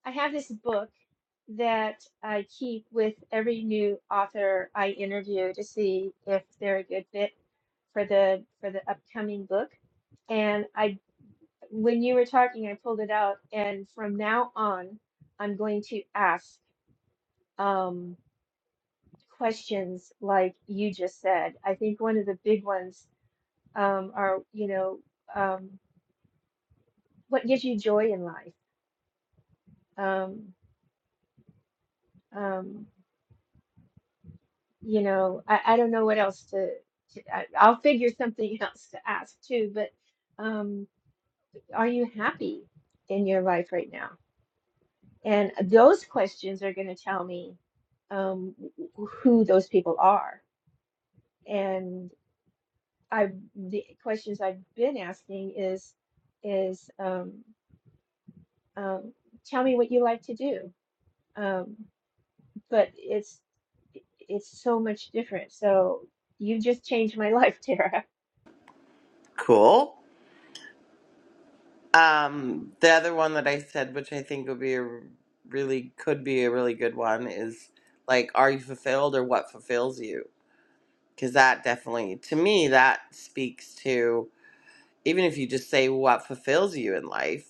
Speaker 4: I have this book that I keep with every new author I interview to see if they're a good fit for the for the upcoming book. And I, when you were talking, I pulled it out, and from now on, I'm going to ask um, questions like you just said. I think one of the big ones um, are, you know, um, what gives you joy in life? Um, um, you know, I, I don't know what else to, to I, I'll figure something else to ask too, but um, are you happy in your life right now? And those questions are going to tell me um, wh- who those people are. And I, the questions I've been asking is, is um, um, tell me what you like to do. Um, but it's, it's so much different. So you just changed my life, Tara.
Speaker 1: cool um the other one that i said which i think would be a r- really could be a really good one is like are you fulfilled or what fulfills you because that definitely to me that speaks to even if you just say what fulfills you in life,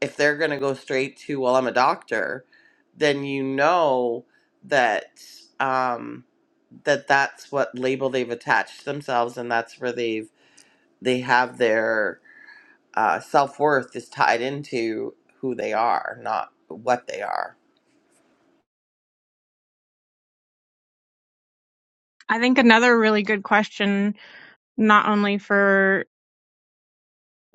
Speaker 1: if they're going to go straight to, well, I'm a doctor, then you know that um, that that's what label they've attached themselves, and that's where they've they have their uh, self worth is tied into who they are, not what they are.
Speaker 5: i think another really good question not only for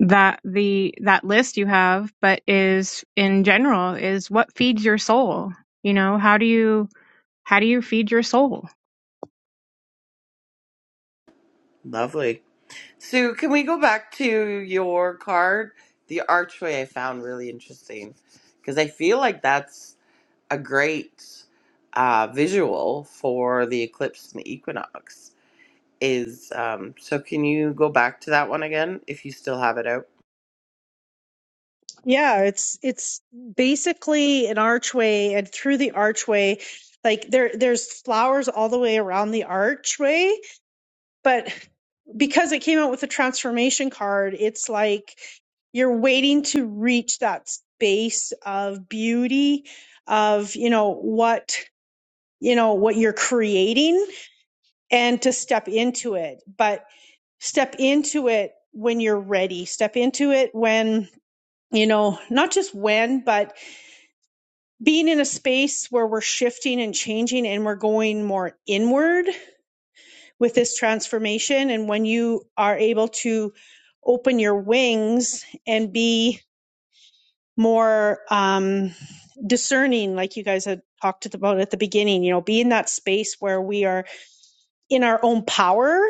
Speaker 5: that the that list you have but is in general is what feeds your soul you know how do you how do you feed your soul
Speaker 1: Lovely, Sue. Can we go back to your card? The archway I found really interesting because I feel like that's. a great uh, visual for the eclipse and the equinox is um, so can you go back to that one again if you still have it out
Speaker 2: Yeah, it's it's basically an archway, and through the archway, like there there's flowers all the way around the archway But because it came out with a transformation card, it's like you're waiting to reach that space of beauty of, you know, what, you know, what you're creating and to step into it. But step into it when you're ready. Step into it when, you know, not just when, but being in a space where we're shifting and changing and we're going more inward with this transformation and when you are able to open your wings and be more um, discerning like you guys had talked about at the beginning you know be in that space where we are in our own power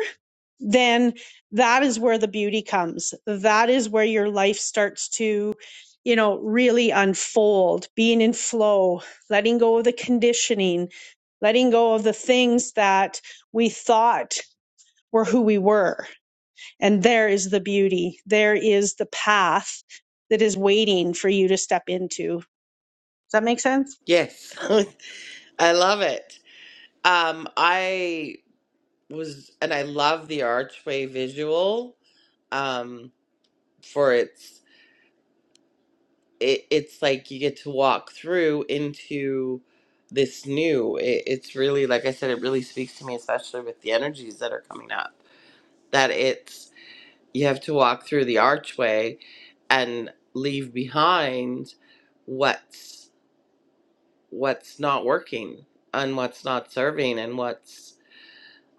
Speaker 2: then that is where the beauty comes that is where your life starts to you know really unfold being in flow letting go of the conditioning letting go of the things that we thought were who we were and there is the beauty. There is the path that is waiting for you to step into. Does that make sense?
Speaker 1: yes i love it um, i was and i love the archway visual um, for its it, it's like you get to walk through into this new it, it's really like i said it really speaks to me especially with the energies that are coming up that it's you have to walk through the archway and leave behind what's what's not working and what's not serving and what's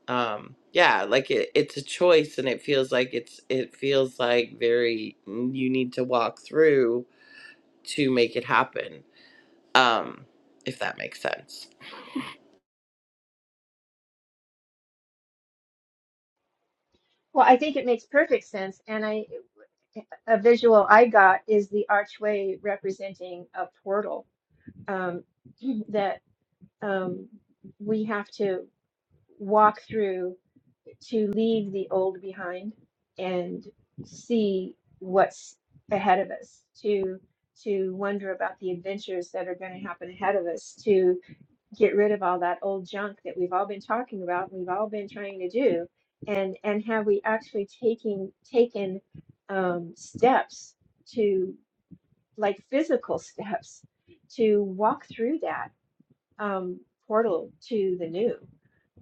Speaker 1: um yeah like it, it's a choice and it feels like it's it feels like very you need to walk through to make it happen um if that makes sense
Speaker 4: Well, I think it makes perfect sense. And I, a visual I got is the archway representing a portal um, that um, we have to walk through to leave the old behind and see what's ahead of us. To to wonder about the adventures that are going to happen ahead of us. To get rid of all that old junk that we've all been talking about and we've all been trying to do and and have we actually taking taken um, steps to like physical steps to walk through that um, portal to the new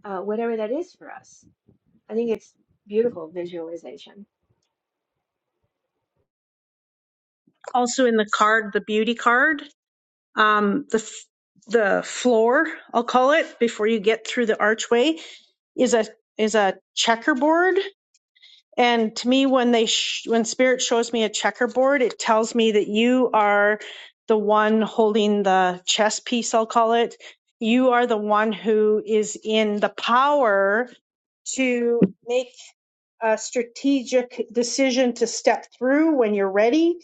Speaker 4: uh, whatever that is for us i think it's beautiful visualization
Speaker 2: Also in the card, the beauty card, um, the f- the floor, I'll call it, before you get through the archway, is a is a checkerboard And to me, when they sh- when spirit shows me a checkerboard, it tells me that you are the one holding the chess piece. I'll call it. You are the one who is in the power to make a strategic decision to step through when you're ready,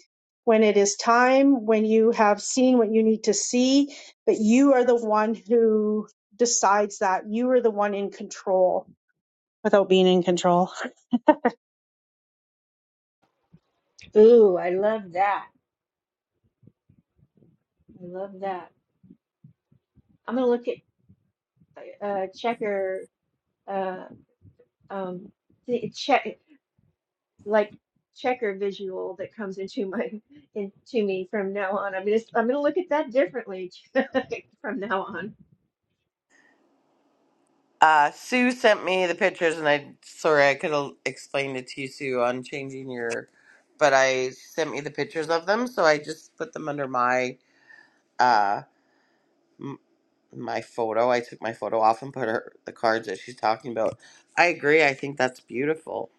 Speaker 2: when it is time, when you have seen what you need to see. But you are the one who decides that. You are the one in control without being in control.
Speaker 4: ooh i love that i love that i'm gonna look at uh, checker uh, um, check. like checker visual that comes into my into me from now on. I'm just I'm gonna look at that differently from now on.
Speaker 1: Uh, Sue sent me the pictures, and I sorry I could have explained it to you, Sue, on changing your. But I sent me the pictures of them, so I just put them under my uh my photo. I took my photo off and put her the cards that she's talking about. I agree. I think that's beautiful.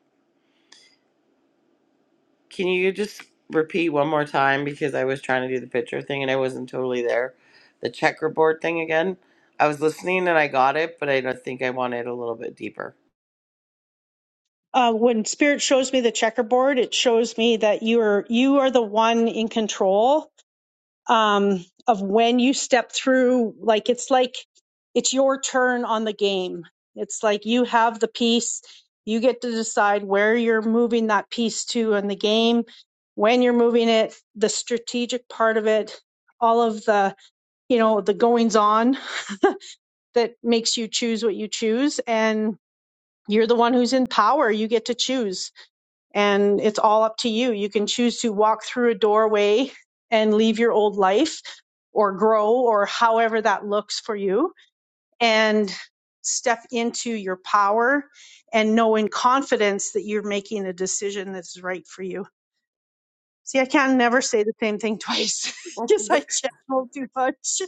Speaker 1: Can you just repeat one more time because I was trying to do the picture thing and I wasn't totally there. The checkerboard thing again. I was listening and I got it, but I don't think I wanted a little bit deeper.
Speaker 2: uh, when spirit shows me the checkerboard, it shows me that you are you are the one in control um, of when you step through. Like it's like it's your turn on the game. It's like you have the piece. You get to decide where you're moving that piece to in the game, when you're moving it, the strategic part of it, all of the you know the goings on that makes you choose what you choose, and you're the one who's in power. You get to choose and it's all up to you. You can choose to walk through a doorway and leave your old life or grow or however that looks for you and step into your power and know in confidence that you're making a decision that's right for you. See, I can never say the same thing twice because I channel too much.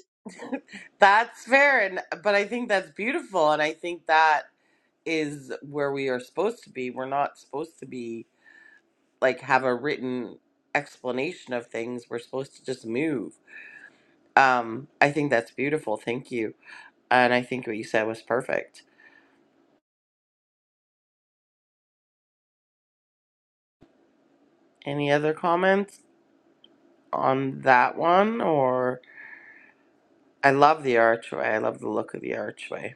Speaker 1: That's fair, and but I think that's beautiful, and I think that is where we are supposed to be. We're not supposed to be like have a written explanation of things. We're supposed to just move. Um, I think that's beautiful. Thank you, and I think what you said was perfect. Any other comments on that one? Or I love the archway. I love the look of the archway.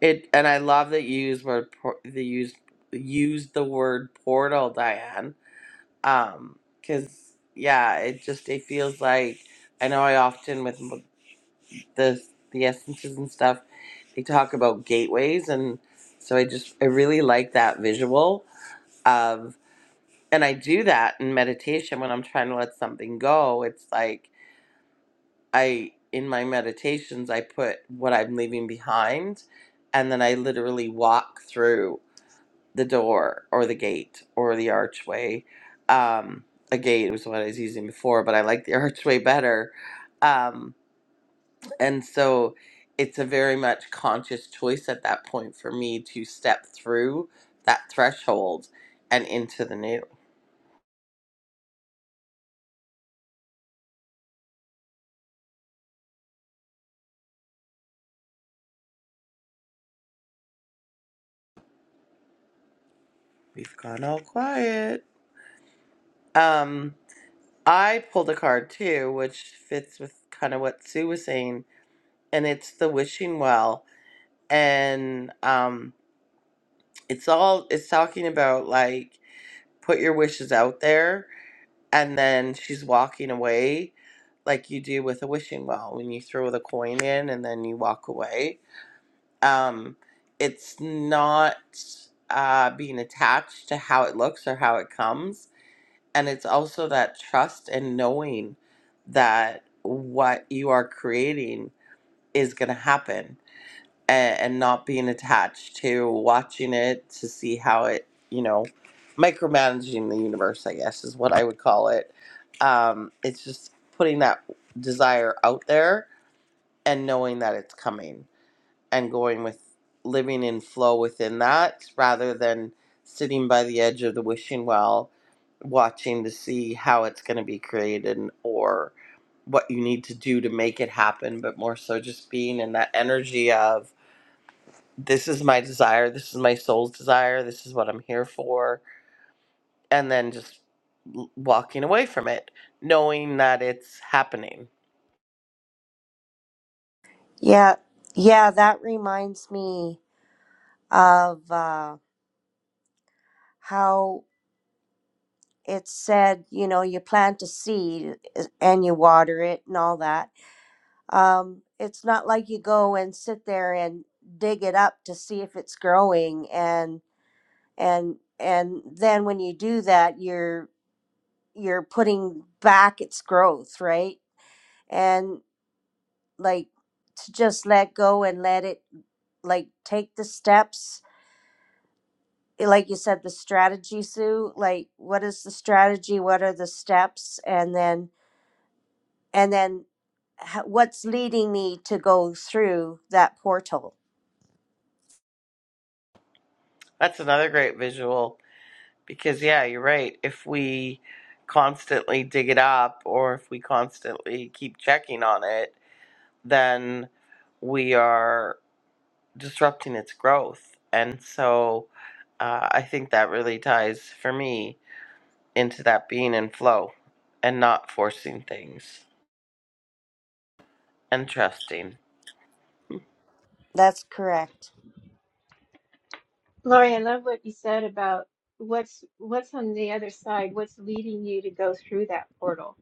Speaker 1: It and I love that you used word por- the used used the word portal, Diane um because yeah it just it feels like i know i often with m- the the essences and stuff they talk about gateways and so i just i really like that visual of and i do that in meditation when i'm trying to let something go it's like i in my meditations i put what i'm leaving behind and then i literally walk through the door or the gate or the archway. Um, a gate was what I was using before, but I like the archway better. Um, and so it's a very much conscious choice at that point for me to step through that threshold and into the new. We've gone all quiet. Um, I pulled a card too, which fits with kind of what Sue was saying, and it's the wishing well. And um, it's all, it's talking about like, put your wishes out there and then she's walking away like you do with a wishing well when you throw the coin in and then you walk away um, it's not uh, being attached to how it looks or how it comes and it's also that trust and knowing that what you are creating is going to happen and, and not being attached to watching it to see how it, you know, micromanaging the universe, I guess is what I would call it. Um, it's just putting that desire out there and knowing that it's coming and going with living in flow within that rather than sitting by the edge of the wishing well watching to see how it's going to be created or what you need to do to make it happen but more so just being in that energy of this is my desire this is my soul's desire this is what i'm here for and then just l- walking away from it knowing that it's happening
Speaker 3: yeah yeah that reminds me of uh, how it's said you know you plant a seed and you water it and all that Um, it's not like you go and sit there and dig it up to see if it's growing and and and then when you do that you're you're putting back its growth, right? And like to just let go and let it like take the steps eh, like you said the strategy sue like what is the strategy what are the steps and then and then h- what's leading me to go through that portal
Speaker 1: that's another great visual because yeah you're right if we constantly dig it up or if we constantly keep checking on it then we are disrupting its growth and so uh, i think that really ties for me into that being in flow and not forcing things Interesting.
Speaker 3: that's correct
Speaker 4: Lori, I love what you said about what's what's on the other side, what's leading you to go through that portal.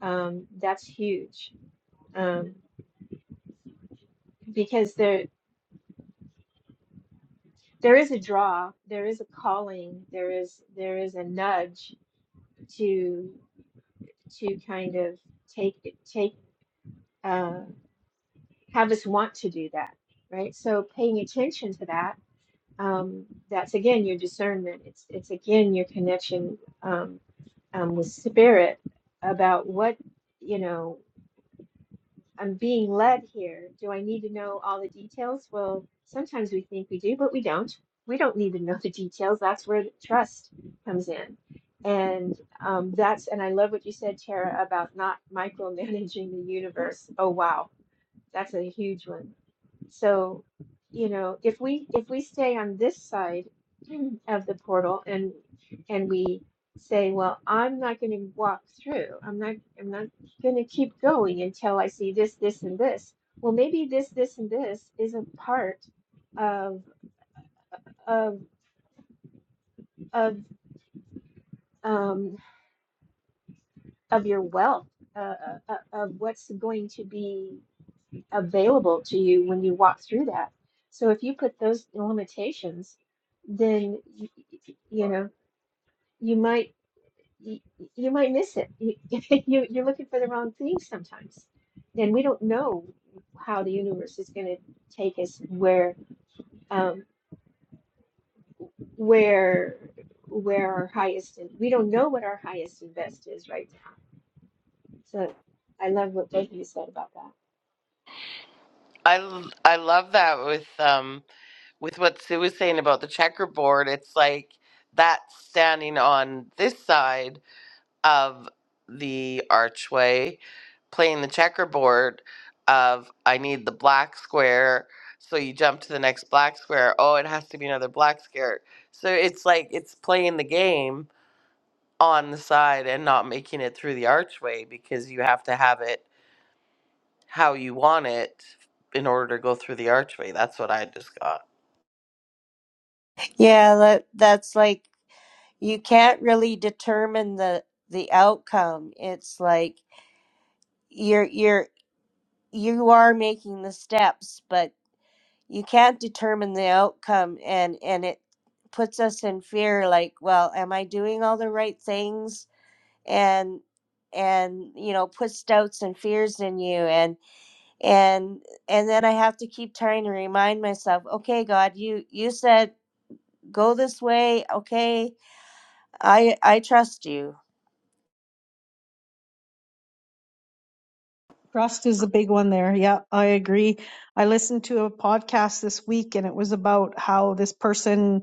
Speaker 4: Um, that's huge. Um, because there there is a draw, there is a calling, there is there is a nudge to to kind of take take. uh, have us want to do that, right? So paying attention to that, um, that's again your discernment. It's it's again your connection um, um, with spirit about what you know. I'm being led here. Do I need to know all the details? Well, sometimes we think we do, but we don't. We don't need to know the details. That's where the trust comes in. And um, that's and I love what you said, Tara, about not micromanaging the universe. Oh wow, that's a huge one so, you know, if we if we stay on this side of the portal and and we say, well, I'm not going to walk through. I'm not I'm not going to keep going until I see this, this, and this. Well, maybe this, this, and this is a part of of of um of your wealth, uh, uh, uh, of what's going to be. available to you when you walk through that. So if you put those limitations, then you, you know you might you, you might miss it. You, you you're looking for the wrong thing sometimes, Then we don't know how the universe is going to take us where um, where where our highest and we don't know what our highest and best is right now. So I love what both of you said about that.
Speaker 1: I, l- I love that with um with what Sue was saying about the checkerboard. It's like that's standing on this side of the archway, playing the checkerboard of I need the black square. So you jump to the next black square. Oh, it has to be another black square. So it's like it's playing the game on the side and not making it through the archway because you have to have it how you want it in order to go through the archway. That's what I just got.
Speaker 3: Yeah, that that's like you can't really determine the the outcome. It's like you're you're you are making the steps, but you can't determine the outcome and and it puts us in fear like, well, am I doing all the right things? And and you know, puts doubts and fears in you and and and then I have to keep trying to remind myself, okay, God, you you said go this way, okay? I I trust you.
Speaker 2: Trust is a big one there. Yeah, I agree. I listened to a podcast this week and it was about how this person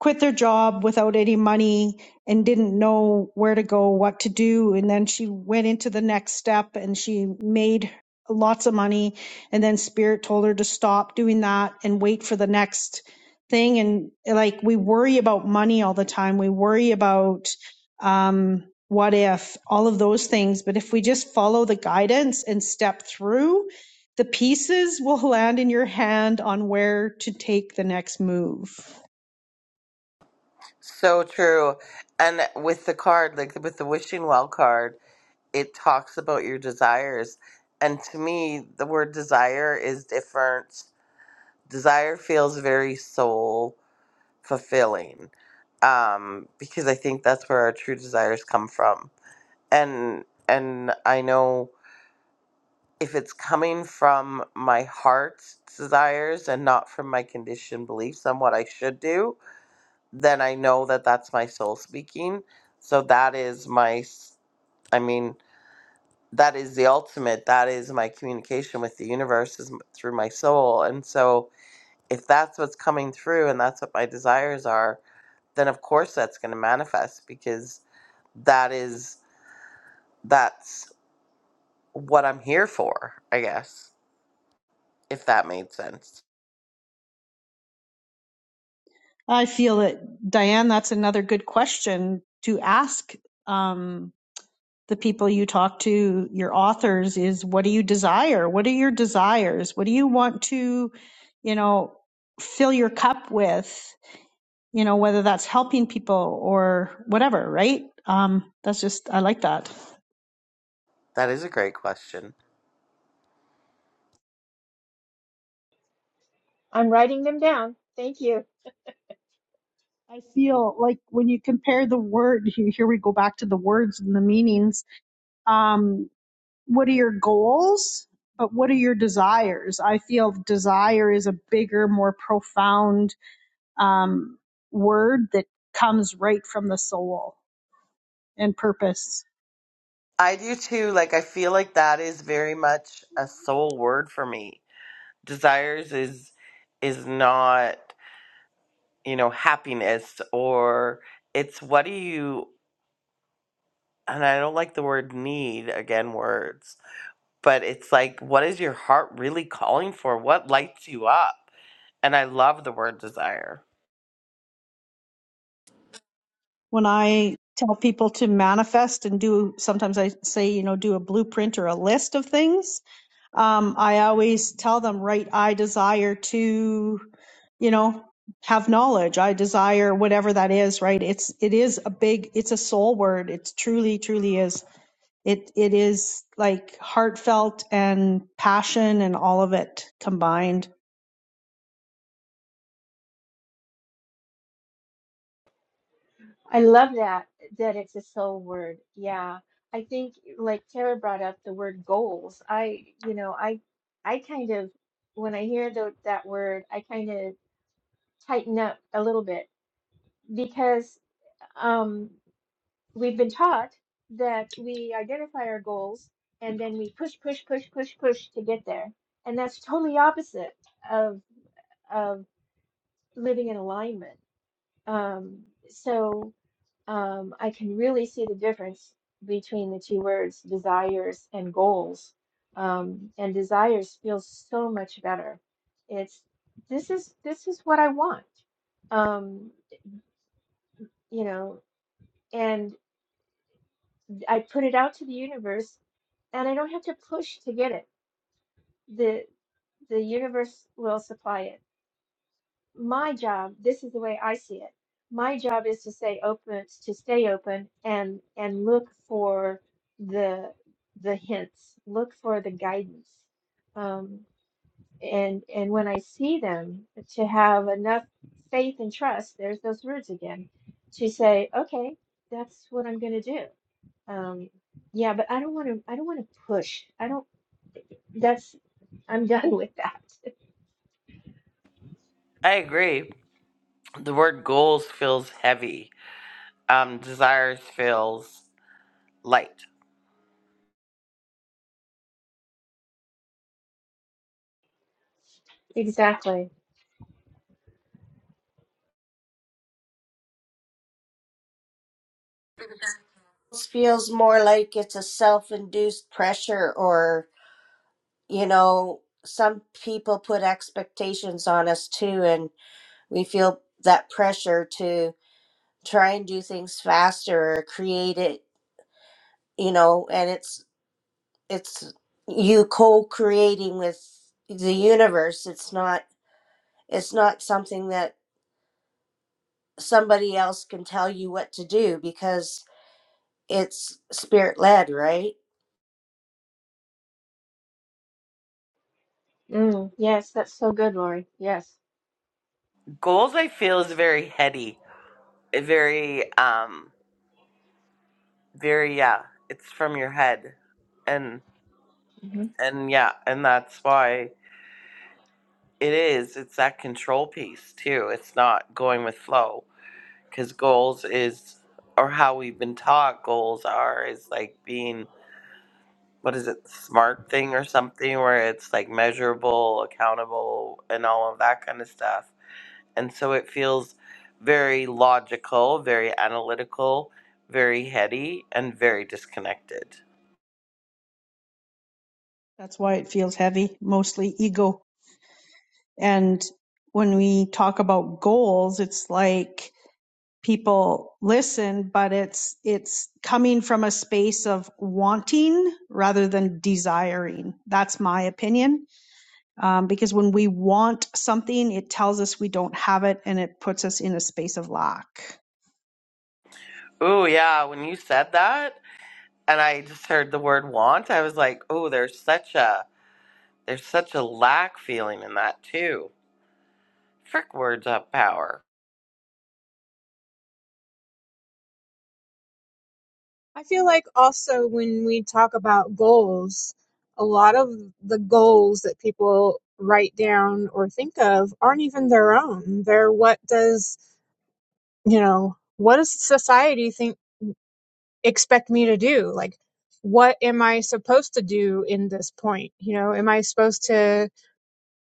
Speaker 2: quit their job without any money and didn't know where to go, what to do. And then she went into the next step and she made lots of money. And then Spirit told her to stop doing that and wait for the next thing. And like we worry about money all the time, we worry about. um, what if, all of those things. But if we just follow the guidance and step through, the pieces will land in your hand on where to take the next move.
Speaker 1: So true. And with the card, like with the wishing well card, it talks about your desires. And to me, the word desire is different. Desire feels very soul fulfilling. Um, because I think that's where our true desires come from. And and I know if it's coming from my heart's desires and not from my conditioned beliefs on what I should do, then I know that that's my soul speaking. So that is my, s- I mean, that is the ultimate. That is my communication with the universe is m- through my soul. And so if that's what's coming through and that's what my desires are, then of course that's going to manifest because that is, that's what I'm here for, I guess, if that made sense.
Speaker 2: I feel that, Diane, that's another good question to ask um, the people you talk to, your authors, is what do you desire? What are your desires? What do you want to, you know, fill your cup with? you know, whether that's helping people or whatever, right? Um, that's just, I like that.
Speaker 1: That is a great question.
Speaker 4: I'm writing them down. Thank you.
Speaker 2: I feel like when you compare the word, he- here we go back to the words and the meanings. Um, what are your goals? But what are your desires? I feel desire is a bigger, more profound um, word that comes right from the soul and purpose.
Speaker 1: I do too. Like, I feel like that is very much a soul word for me. Desires is is not, you know, happiness or it's what do you and I don't like the word need again words, but it's like what is your heart really calling for? What lights you up? And I love the word desire.
Speaker 2: When I tell people to manifest and do, sometimes I say, you know, do a blueprint or a list of things. Um, I always tell them, right, I desire to, you know, have knowledge. I desire whatever that is, right? It's, it is a big, it's a soul word. It's truly, truly is. It, it is like heartfelt and passion and all of it combined
Speaker 4: I love that that it's a soul word. Yeah. I think like Tara brought up the word goals. I, you know, I I kind of when I hear tho- that word, I kind of tighten up a little bit because um we've been taught that we identify our goals and then we push push push push push to get there. And that's totally opposite of of living in alignment. Um so um, I can really see the difference between the two words, desires and goals. Um, and desires feels so much better. It's this is this is what I want. Um, you know, and I put it out to the universe and I don't have to push to get it. The the universe will supply it my job this is the way i see it my job is to stay open to stay open and and look for the the hints look for the guidance um and and when i see them to have enough faith and trust there's those words again to say okay that's what i'm going to do um yeah but i don't want to i don't want to push i don't that's i'm done with that
Speaker 1: I agree. The word goals feels heavy. Um desires feels light.
Speaker 4: exactly
Speaker 3: This feels more like it's a self-induced pressure or, you know, some people put expectations on us too and we feel that pressure to try and do things faster or create it, you know, and it's it's you co-creating with the universe. It's not it's not something that somebody else can tell you what to do because it's spirit led, right?
Speaker 4: mm, yes that's so good lori yes
Speaker 1: Goals I feel is very heady, very um, very yeah. It's from your head, and
Speaker 4: Mhm.
Speaker 1: and yeah, and that's why it is. It's that control piece too. It's not going with flow because goals is or how we've been taught goals are is like being what is it the smart thing or something where it's like measurable, accountable, and all of that kind of stuff And so it feels very logical, very analytical, very heady, and very disconnected.
Speaker 2: That's why it feels heavy, mostly ego. And when we talk about goals, it's like people listen, but it's it's coming from a space of wanting rather than desiring. That's my opinion. Um, because when we want something, it tells us we don't have it and it puts us in a space of lack.
Speaker 1: Ooh, yeah, when you said that and I just heard the word want, I was like, "Oh, there's such a there's such a lack feeling in that too." Frick words up power.
Speaker 5: I feel like also when we talk about goals, a lot of the goals that people write down or think of aren't even their own. They're what does, you know, what does society think expect me to do? Like what am I supposed to do in this point? You know, am I supposed to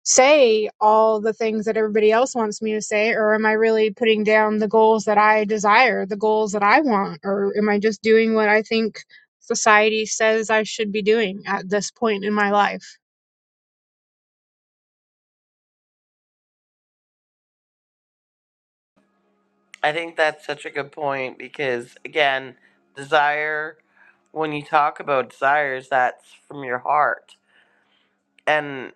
Speaker 5: say all the things that everybody else wants me to say or am i really putting down the goals that i desire the goals that i want or am i just doing what i think society says i should be doing at this point in my life
Speaker 1: I think that's such a good point because again, desire when you talk about desires, that's from your heart. and.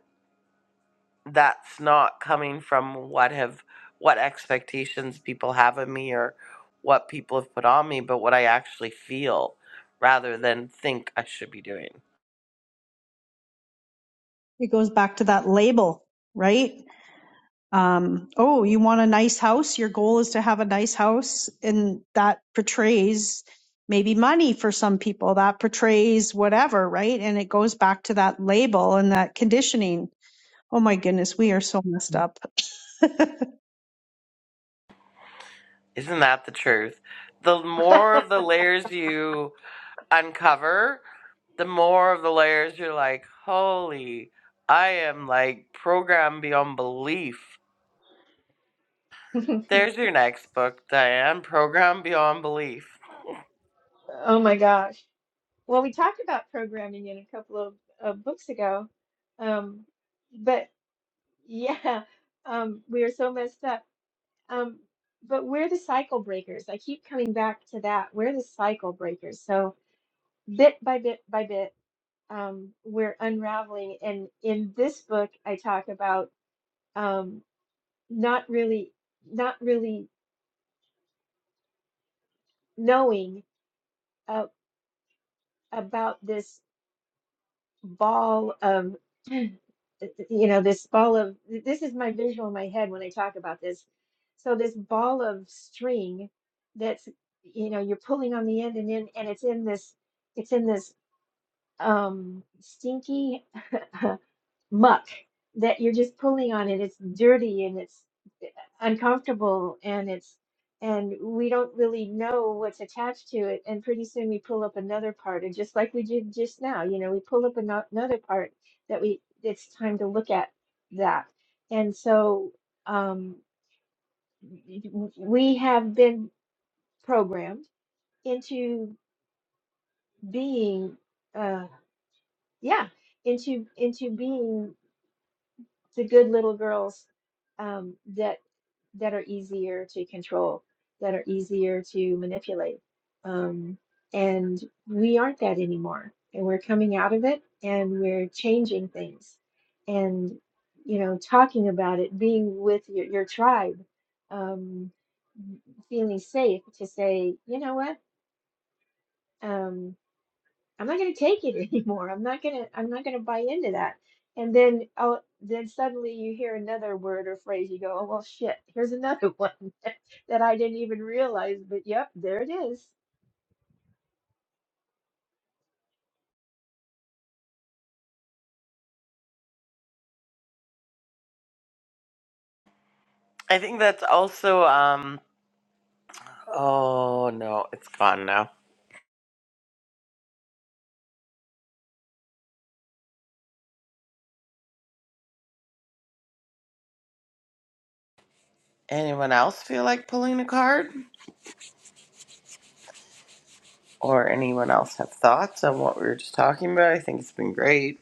Speaker 1: that's not coming from what have what expectations people have of me or what people have put on me, but what I actually feel rather than think I should be doing.
Speaker 2: It goes back to that label, right? um, oh, you want a nice house? Your goal is to have a nice house. And that portrays maybe money for some people, that portrays whatever, right? And it goes back to that label and that conditioning. Oh my goodness, we are so messed up. That's
Speaker 1: Isn't that the truth? The more of the layers you uncover, the more of the layers you're like, holy, I am like programmed beyond belief. There's your next book, Diane, Programmed Beyond Belief.
Speaker 4: Oh my gosh. Well, we talked about programming in a couple of, of books ago. Um, but yeah, um, we are so messed up. Um, but we're the cycle breakers. I keep coming back to that. We're the cycle breakers. So bit by bit by bit, um, we're unraveling. And in this book, I talk about um, not really, not really knowing uh, about this. ball of you know this ball of this is my visual in my head when I talk about this. So this ball of string that's you know you're pulling on the end and in and it's in this it's in this um stinky muck that you're just pulling on and it's dirty and it's eh, uncomfortable and it's and we don't really know what's attached to it and pretty soon we pull up another part and just like we did just now you know we pull up ano- another part that we it's time to look at that and so um w- we have been programmed into being uh yeah into into being the good little girls um, that that are easier to control, that are easier to manipulate. Um, and we aren't that anymore. And we're coming out of it and we're changing things and, you know, talking about it, being with your, your tribe, um, feeling safe to say, you know what? Um, I'm not going to take it anymore. I'm not going to I'm not going to buy into that. And then oh then suddenly you hear another word or phrase you go, "Oh well shit, here's another one that I didn't even realize, but yep, there it is."
Speaker 1: I think that's also um Oh no, it's gone now. Anyone else feel like pulling a card? Or anyone else have thoughts on what we were just talking about? I think it's been great.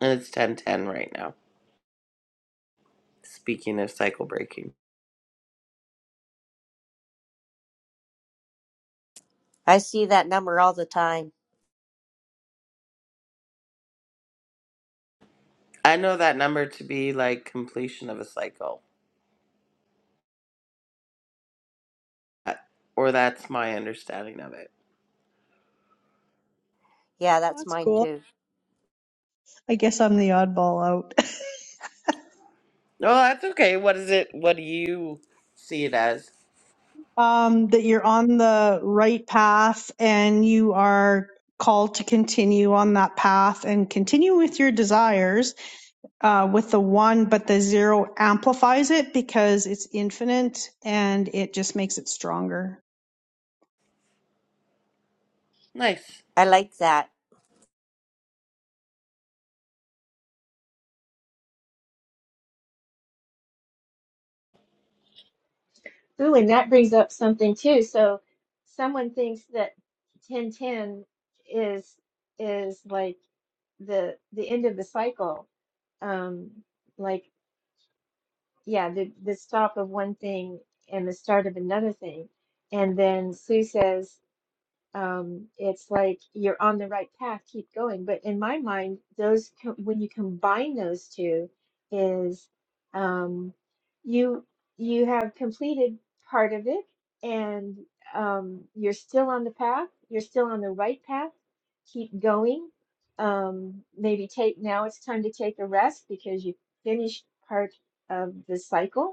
Speaker 1: And it's ten ten right now. Speaking of cycle breaking.
Speaker 3: I see that number all the time.
Speaker 1: I know that number to be like completion of a cycle. Uh, Or that's my understanding of it.
Speaker 3: Yeah, that's mine
Speaker 2: cool.
Speaker 3: too.
Speaker 2: I guess I'm the oddball out.
Speaker 1: No, that's okay. What is it what do you see it as?
Speaker 2: Um, that you're on the right path and you are called to continue on that path and continue with your desires uh, with the one, but the zero amplifies it because it's infinite and it just makes it stronger.
Speaker 1: Nice.
Speaker 3: I like that.
Speaker 4: Ooh, and that brings up something too. So someone thinks that 1010 is is like the the end of the cycle. Um like yeah, the the stop of one thing and the start of another thing. And then Sue says um, it's like you're on the right path, keep going. But in my mind, those co when you combine those two, is um, you you have completed part of it, and um, you're still on the path. You're still on the right path. Keep going. Um, maybe take now it's time to take a rest because you finished part of the cycle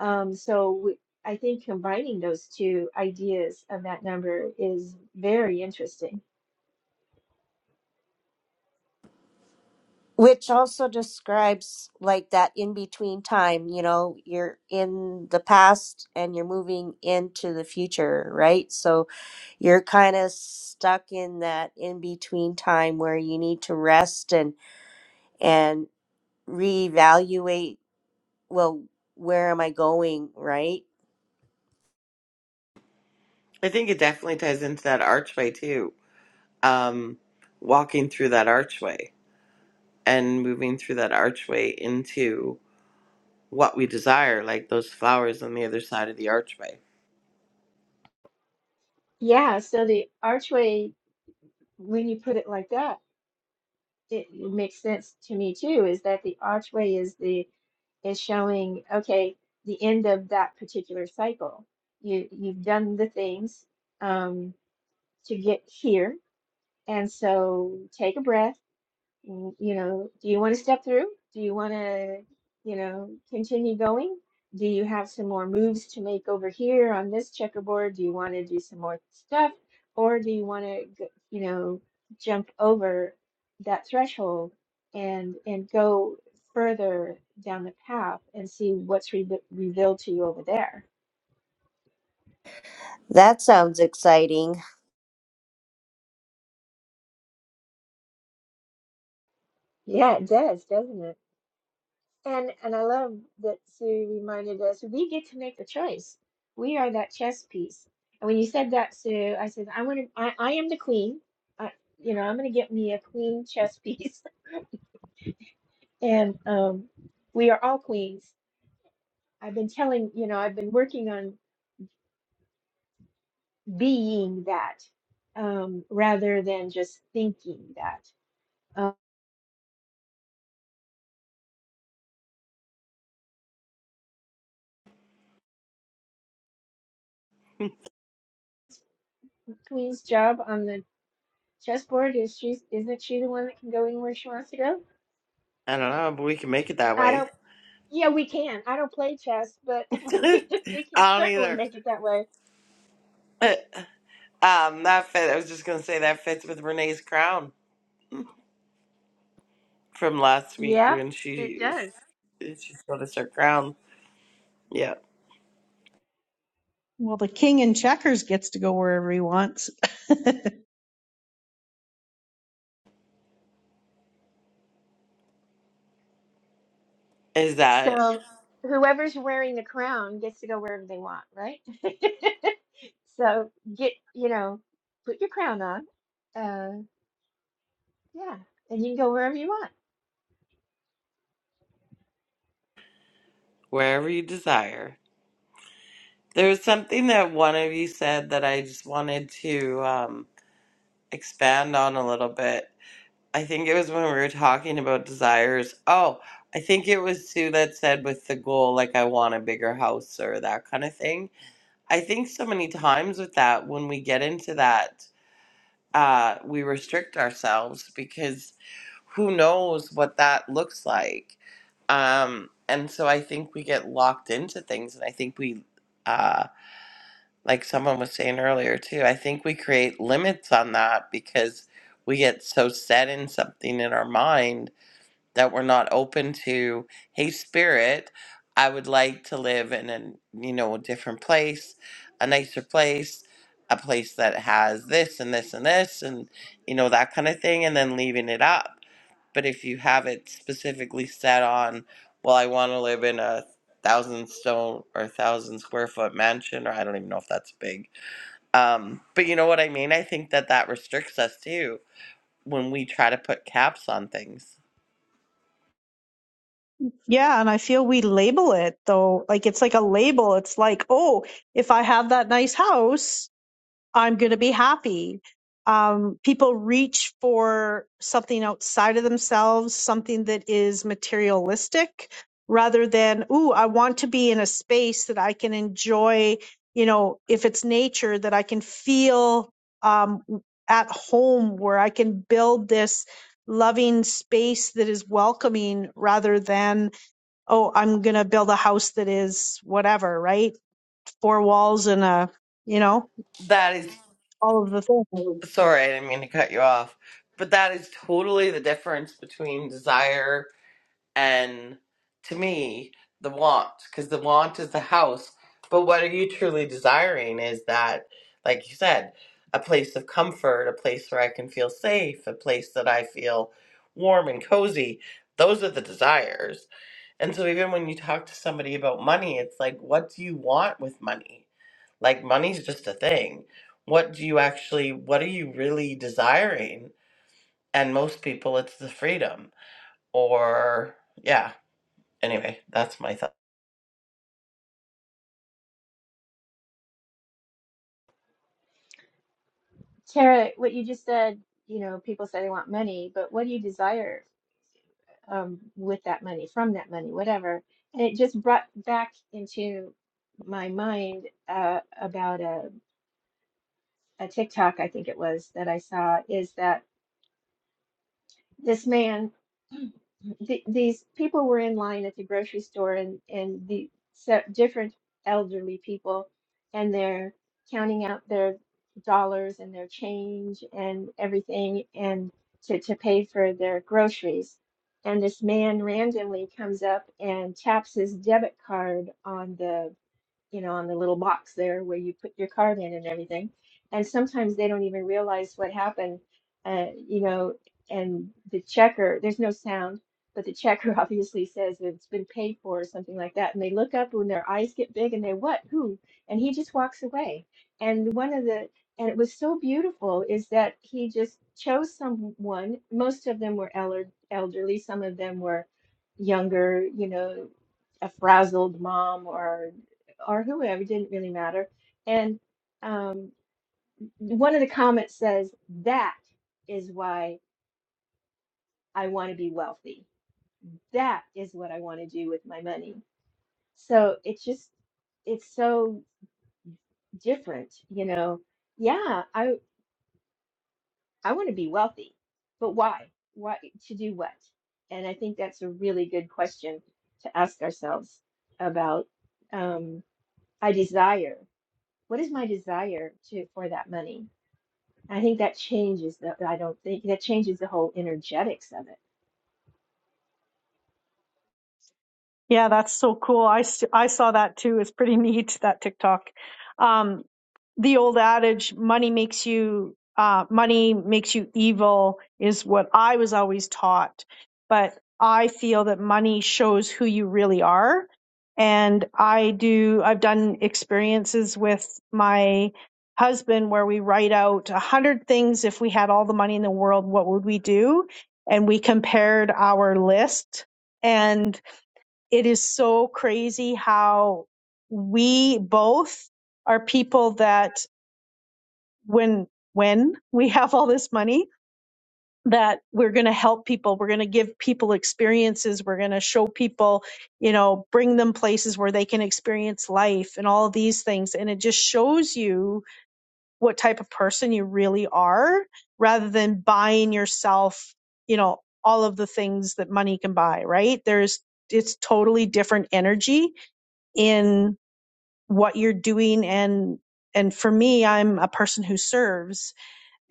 Speaker 4: um, so we, I think combining those two ideas of that number is very interesting.
Speaker 3: Which also describes like that in between time, you know, you're in the past and you're moving into the future, right? So you're kind of stuck in that in between time where you need to rest and and reevaluate, well, where am I going, right?
Speaker 1: I think it definitely ties into that archway too. Um walking through that archway. and moving through that archway into what we desire, like those flowers on the other side of the archway.
Speaker 4: Yeah, so the archway, when you put it like that, it, it makes sense to me too, is that the archway is the is showing, okay, the end of that particular cycle. You you've done the things um, to get here. And so take a breath. and, You know, do you want to step through? Do you want to, you know, continue going? Do you have some more moves to make over here on this checkerboard? Do you want to do some more stuff? Or do you want to, you know, jump over that threshold and and go further down the path and see what's re revealed to you over there?
Speaker 3: That sounds exciting.
Speaker 4: Yeah, it does, doesn't it? And and I love that Sue reminded us we get to make the choice. We are that chess piece. And when you said that, Sue, I said I want to. I, I am the queen. I, you know, I'm going to get me a queen chess piece. And um, we are all queens. I've been telling you know I've been working on being that um, rather than just thinking that. Um, queen's job on the chessboard is she's isn't she the one that can go anywhere she wants to go?
Speaker 1: I don't know, but we can make it that
Speaker 4: I don't
Speaker 1: way.
Speaker 4: Yeah, we can. I don't play chess, but
Speaker 1: I
Speaker 4: we can
Speaker 1: don't
Speaker 4: certainly
Speaker 1: either.
Speaker 4: make it that way.
Speaker 1: But, um, that fit. I was just gonna say that fits with Renee's crown from last week
Speaker 4: Yeah,
Speaker 1: when
Speaker 4: it
Speaker 1: she
Speaker 4: does.
Speaker 1: she she showed us her crown. Yeah,
Speaker 2: Well, the king in checkers gets to go wherever he wants.
Speaker 1: is that
Speaker 4: So whoever's wearing the crown gets to go wherever they want, right? So get, you know, put your crown on. Uh, yeah, and you can go wherever you want.
Speaker 1: wherever you desire. There was something that one of you said that I just wanted to um, expand on a little bit I think it was when we were talking about desires. Oh, I think it was Sue that said with the goal, like, I want a bigger house or that kind of thing. I think so many times with that, when we get into that, uh, we restrict ourselves because who knows what that looks like. Um, and so I think we get locked into things. And I think we, uh, like someone was saying earlier too, I think we create limits on that because we get so set in something in our mind that we're not open to hey spirit i would like to live in a you know a different place a nicer place a place that has this and this and this and you know that kind of thing and then leaving it up but if you have it specifically set on well i want to live in a thousand stone or thousand square foot mansion or i don't even know if that's big um but you know what i mean i think that that restricts us too when we try to put caps on things
Speaker 2: Yeah, and I feel we label it though. Like it's like a label. It's like, oh, if I have that nice house, I'm going to be happy. Um, people reach for something outside of themselves, something that is materialistic rather than, ooh, I want to be in a space that I can enjoy, you know, if it's nature, that I can feel um, at home where I can build this loving space that is welcoming rather than oh, I'm going to build a house that is whatever, right? Four walls and a, you know,
Speaker 1: That is.
Speaker 2: all of the things.
Speaker 1: Sorry, I didn't mean to cut you off. But that is totally the difference between desire and, to me, the want. Because the want is the house. But what are you truly desiring is that, like you said, a place of comfort, a place where I can feel safe, a place that I feel warm and cozy. Those are the desires. And so even when you talk to somebody about money, it's like, what do you want with money? Like money's just a thing. What do you actually what are you really desiring? And most people it's the freedom or yeah, anyway, that's my thought.
Speaker 4: Tara, what you just said, you know, people say they want money, but what do you desire um, with that money, from that money, whatever? And it just brought back into my mind uh, about a, a TikTok, I think it was, that I saw is that this man th these people were in line at the grocery store and and the se different elderly people and they're counting out their dollars and their change and everything and to, to pay for their groceries and this man randomly comes up and taps his debit card on the you know, on the little box there where you put your card in and everything. And sometimes they don't even realize what happened, uh, you know, and the checker, there's no sound, but the checker obviously says it's been paid for or something like that. And they look up when their eyes get big and they, what, who? And he just walks away. And one of the, and it was so beautiful is that he just chose someone. Most of them were elder, elderly, some of them were younger, you know, a frazzled mom or or whoever, it didn't really matter. And um, one of the comments says, That is why I want to be wealthy. That is what I want to do with my money. So it's just, it's so different, you know. Yeah, I I want to be wealthy, but why? Why to do what? And I think that's a really good question to ask ourselves about um, I desire. What is my desire to for that money? I think that changes the, I don't think that changes the whole energetics of it.
Speaker 2: Yeah, that's so cool. I, s- I saw that too. It's pretty neat, that TikTok. Um, the old adage, money makes you, uh, money makes you evil is what I was always taught. But I feel that money shows who you really are. And I do, I've done experiences with my husband where we write out a hundred things. If we had all the money in the world, what would we do? And we compared our list and it is so crazy how we both are people that when when we have all this money that we're going to help people we're going to give people experiences we're going to show people you know bring them places where they can experience life and all of these things and it just shows you what type of person you really are rather than buying yourself you know all of the things that money can buy right there's it's totally different energy in what you're doing and and for me i'm a person who serves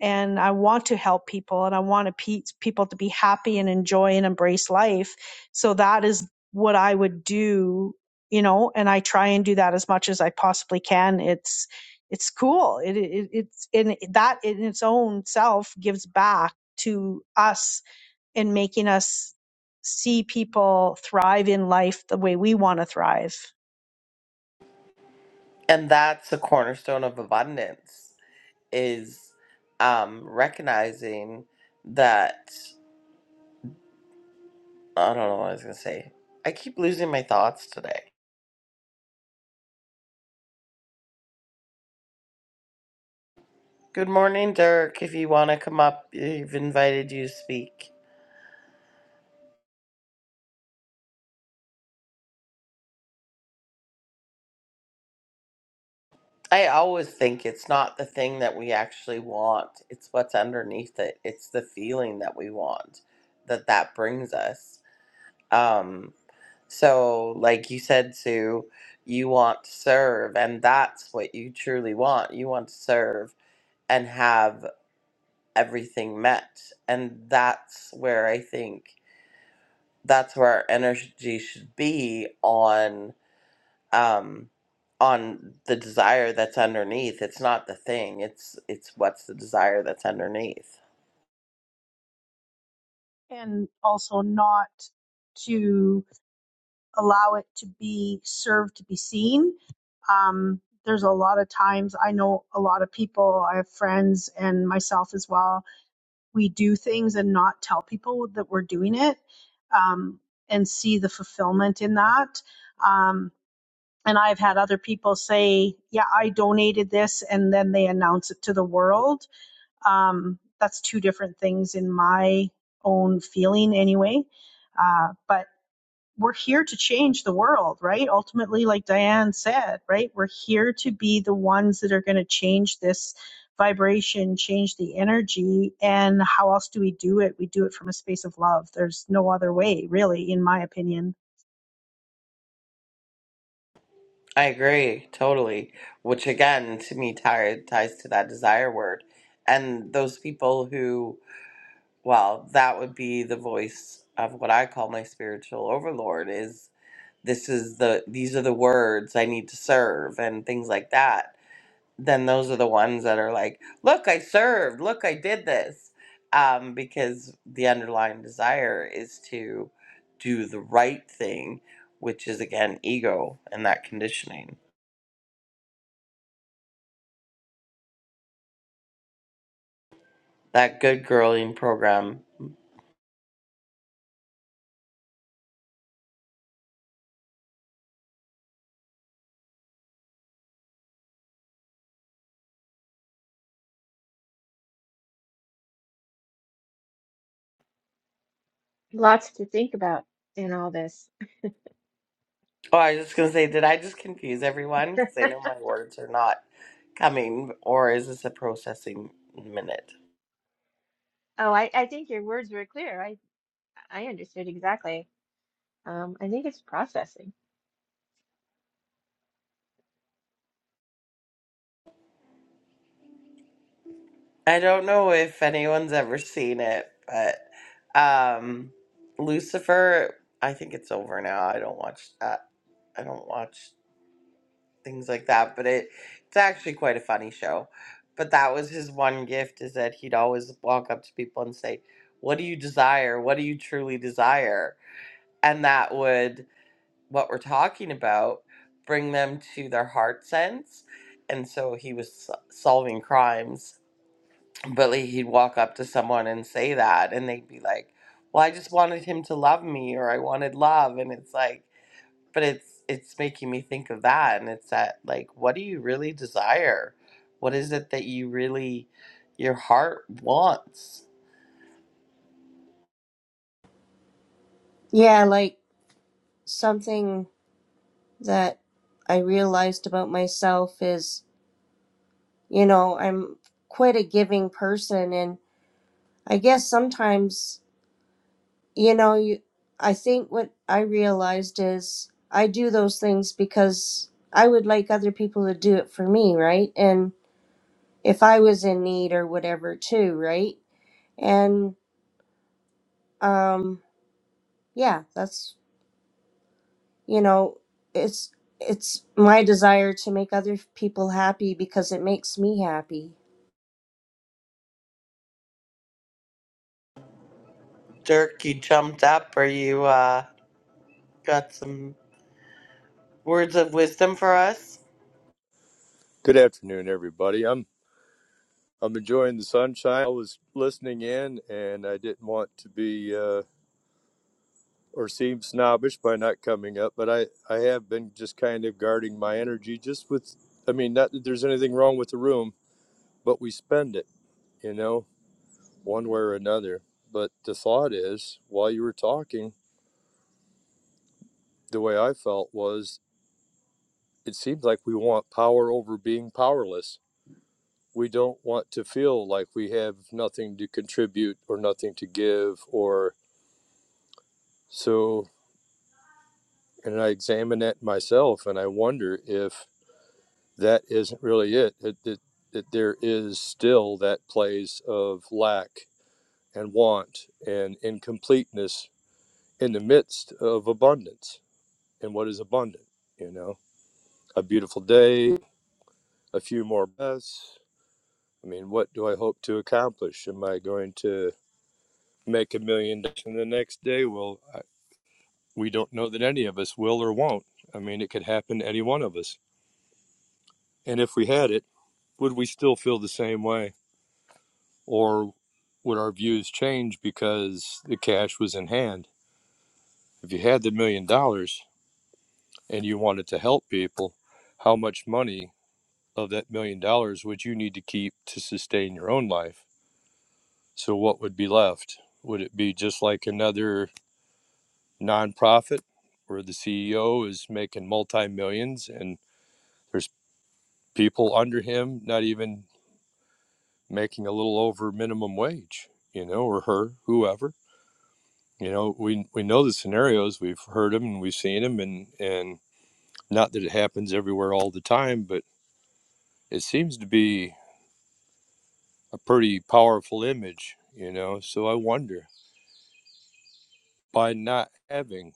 Speaker 2: and i want to help people and i want to pe- people to be happy and enjoy and embrace life so that is what i would do you know and i try and do that as much as i possibly can it's it's cool it, it it's and that in its own self gives back to us in making us see people thrive in life the way we want to thrive
Speaker 1: And that's the cornerstone of abundance is um recognizing that I don't know what I was going to say. I keep losing my thoughts today. Good morning, Dirk. If you want to come up, I've invited you to speak. I always think it's not the thing that we actually want. It's what's underneath it. It's the feeling that we want that that brings us. Um, so, like you said, Sue, you want to serve, and that's what you truly want. You want to serve and have everything met. And that's where I think that's where our energy should be on um, on the desire that's underneath. It's not the thing. It's it's what's the desire that's underneath.
Speaker 2: and also not to allow it to be served to be seen. Um, there's a lot of times I know a lot of people, I have friends and myself as well. We do things and not tell people that we're doing it um, and see the fulfillment in that. Um, and I've had other people say, Yeah, I donated this, and then they announce it to the world um, that's two different things in my own feeling, anyway. Uh, but we're here to change the world, right? Ultimately, like Diane said, right? We're here to be the ones that are going to change this vibration, change the energy. And how else do we do it? We do it from a space of love. There's no other way, really, in my opinion
Speaker 1: I agree totally. Which again, to me, tie, ties to that desire word, and those people who, well, that would be the voice of what I call my spiritual overlord. Is this is the these are the words I need to serve and things like that then those are the ones that are like, look, I served, look, I did this. Um, because the underlying desire is to do the right thing, which is again ego and that conditioning. That good girling program.
Speaker 4: Lots to think about in all this.
Speaker 1: Oh, I was just going to say, did I just confuse everyone? Because I know my words are not coming, or is this a processing minute?
Speaker 4: Oh, I, I think your words were clear. I, I understood exactly. Um, I think it's processing.
Speaker 1: I don't know if anyone's ever seen it, but um Lucifer, I think it's over now. I don't watch that. I don't watch things like that, but it it's actually quite a funny show. But that was his one gift is that he'd always walk up to people and say, "What do you desire? What do you truly desire?" And that would what we're talking about bring them to their heart sense. And so he was so- solving crimes but like, he'd walk up to someone and say that, and they'd be like, "Well, I just wanted him to love me, or I wanted love," and it's like, but it's it's making me think of that, and it's that like, what do you really desire? What is it that you really, your heart wants?
Speaker 3: Yeah, like something that I realized about myself is, you know, I'm quite a giving person and I guess sometimes, you know, you I think what I realized is I do those things because I would like other people to do it for me, right? And if I was in need or whatever too, right? And um yeah, that's you know, it's it's my desire to make other people happy because it makes me happy
Speaker 1: Dirk, you jumped up, or you uh, got some words of wisdom for us?
Speaker 6: Good afternoon, everybody. I'm I'm enjoying the sunshine. I was listening in, and I didn't want to be uh, or seem snobbish by not coming up, but I I have been just kind of guarding my energy, just with I mean, not that there's anything wrong with the room, but we spend it, you know, one way or another. But the thought is, while you were talking, the way I felt was, it seems like we want power over being powerless we don't want to feel like we have nothing to contribute or nothing to give or so and i examine that myself and i wonder if that isn't really it that, that, that there is still that place of lack and want and incompleteness in the midst of abundance and what is abundant you know a beautiful day a few more breaths i mean what do i hope to accomplish am i going to make a million dollars and the next day well we don't know that any of us will or won't i mean it could happen to any one of us and if we had it would we still feel the same way or would our views change because the cash was in hand if you had the million dollars and you wanted to help people how much money of that million dollars would you need to keep to sustain your own life so what would be left would it be just like another nonprofit where the CEO is making multi millions and there's people under him not even making a little over minimum wage, you know, or her, whoever. You know, we we know the scenarios, we've heard them and we've seen them and and not that it happens everywhere all the time, but it seems to be a pretty powerful image, you know. So I wonder by not having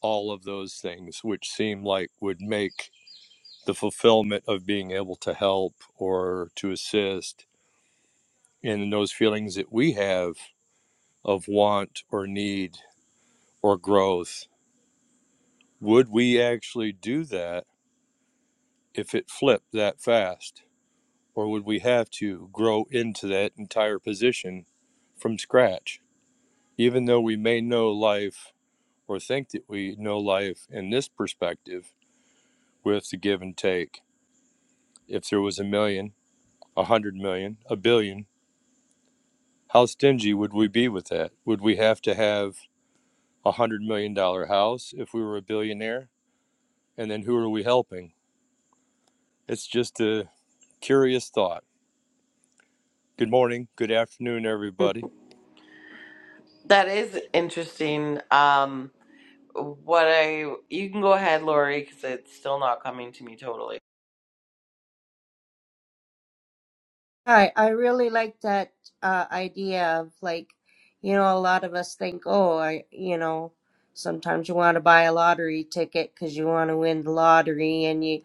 Speaker 6: all of those things which seem like would make the fulfillment of being able to help or to assist and those feelings that we have of want or need or growth would we actually do that if it flipped that fast or would we have to grow into that entire position from scratch even though we may know life or think that we know life in this perspective with the give and take if there was a million a hundred million a billion How stingy would we be with that? Would we have to have a hundred million dollar house if we were a billionaire? And then who are we helping? It's just a curious thought. Good morning, good afternoon, everybody.
Speaker 1: That is interesting. Um, what I you can go ahead, Lori, because it's still not coming to me totally.
Speaker 3: Hi, I really like that uh, idea of like, you know, a lot of us think, oh, I, you know, sometimes you want to buy a lottery ticket because you want to win the lottery, and you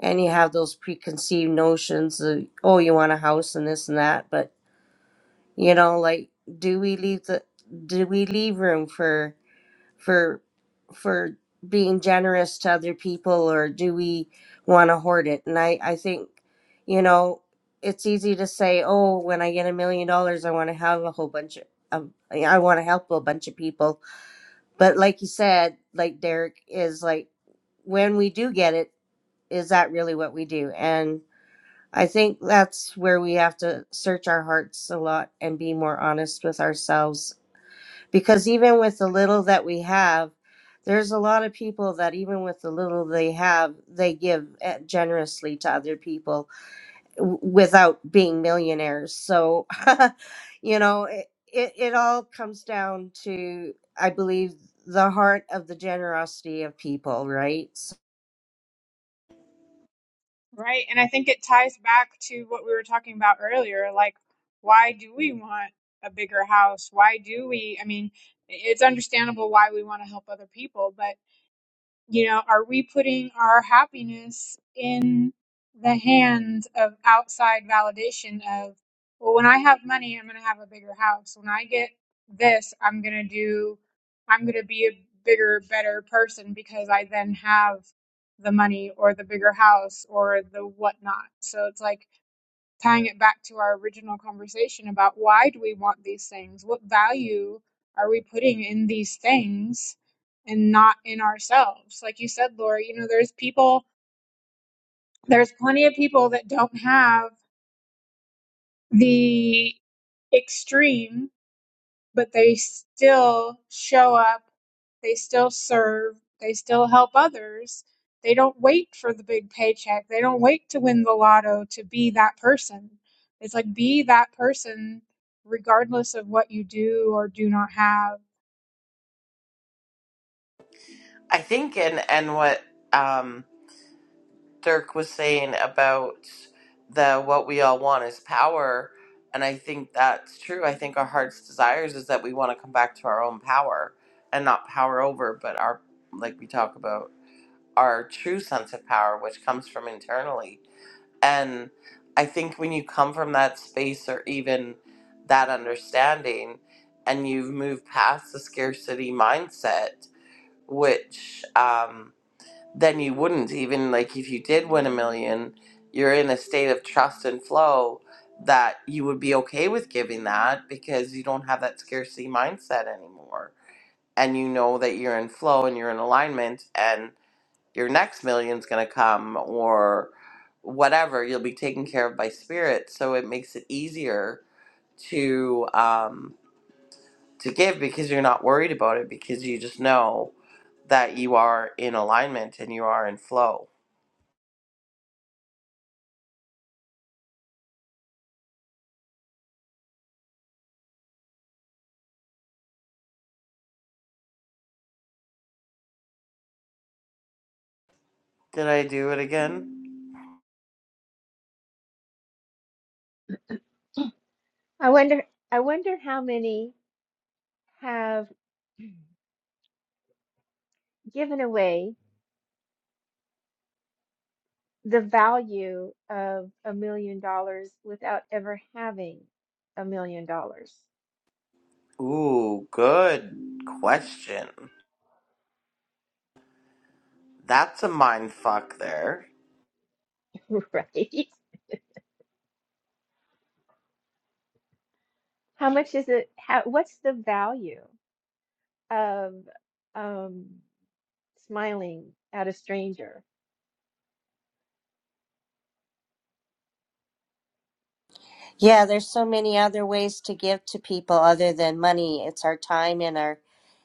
Speaker 3: and you have those preconceived notions of, oh, you want a house and this and that, but you know, like, do we leave the do we leave room for? for for being generous to other people or do we want to hoard it and i i think you know it's easy to say oh when i get a million dollars i want to have a whole bunch of of- i want to help a bunch of people but like you said like derek is like when we do get it is that really what we do and i think that's where we have to search our hearts a lot and be more honest with ourselves because even with the little that we have there's a lot of people that even with the little they have they give eh, generously to other people w- without being millionaires so you know it, it, it all comes down to i believe the heart of the generosity of people right So-
Speaker 5: Right. And I think it ties back to what we were talking about earlier. Like, why do we want a bigger house? Why do we? I mean, it's understandable why we want to help other people, but. you know are we putting our happiness in the hands of outside validation of well when i have money i'm going to have a bigger house when i get this i'm going to do i'm going to be a bigger better person because i then have the money or the bigger house or the whatnot so it's like tying it back to our original conversation about why do we want these things? What value are we putting in these things and not in ourselves? Like you said, Laura, you know, there's people, there's plenty of people that don't have the extreme but they still show up, they still serve, they still help others. They don't wait for the big paycheck. They don't wait to win the lotto to be that person. It's like be that person regardless of what you do or do not have.
Speaker 1: I think and and what um Dirk was saying about the what we all want is power and I think that's true. I think our heart's desires is that we want to come back to our own power and not power over but our like we talk about our true sense of power which comes from internally. And I think when you come from that space or even that understanding and you've moved past the scarcity mindset which um then you wouldn't even like if you did win a million you're in a state of trust and flow that you would be okay with giving that because you don't have that scarcity mindset anymore and you know that you're in flow and you're in alignment and your next million's going to come or whatever you'll be taken care of by spirit so it makes it easier to um to give because you're not worried about it because you just know that you are in alignment and you are in flow Did I do it again?
Speaker 4: I wonder, I wonder how many have given away the value of a million dollars without ever having a million dollars,
Speaker 1: Ooh, good question. That's a mind fuck there.
Speaker 4: right? How much is it? How, what's the value? of um, smiling at a stranger.
Speaker 3: yeah there's so many other ways to give to people other than money it's our time and our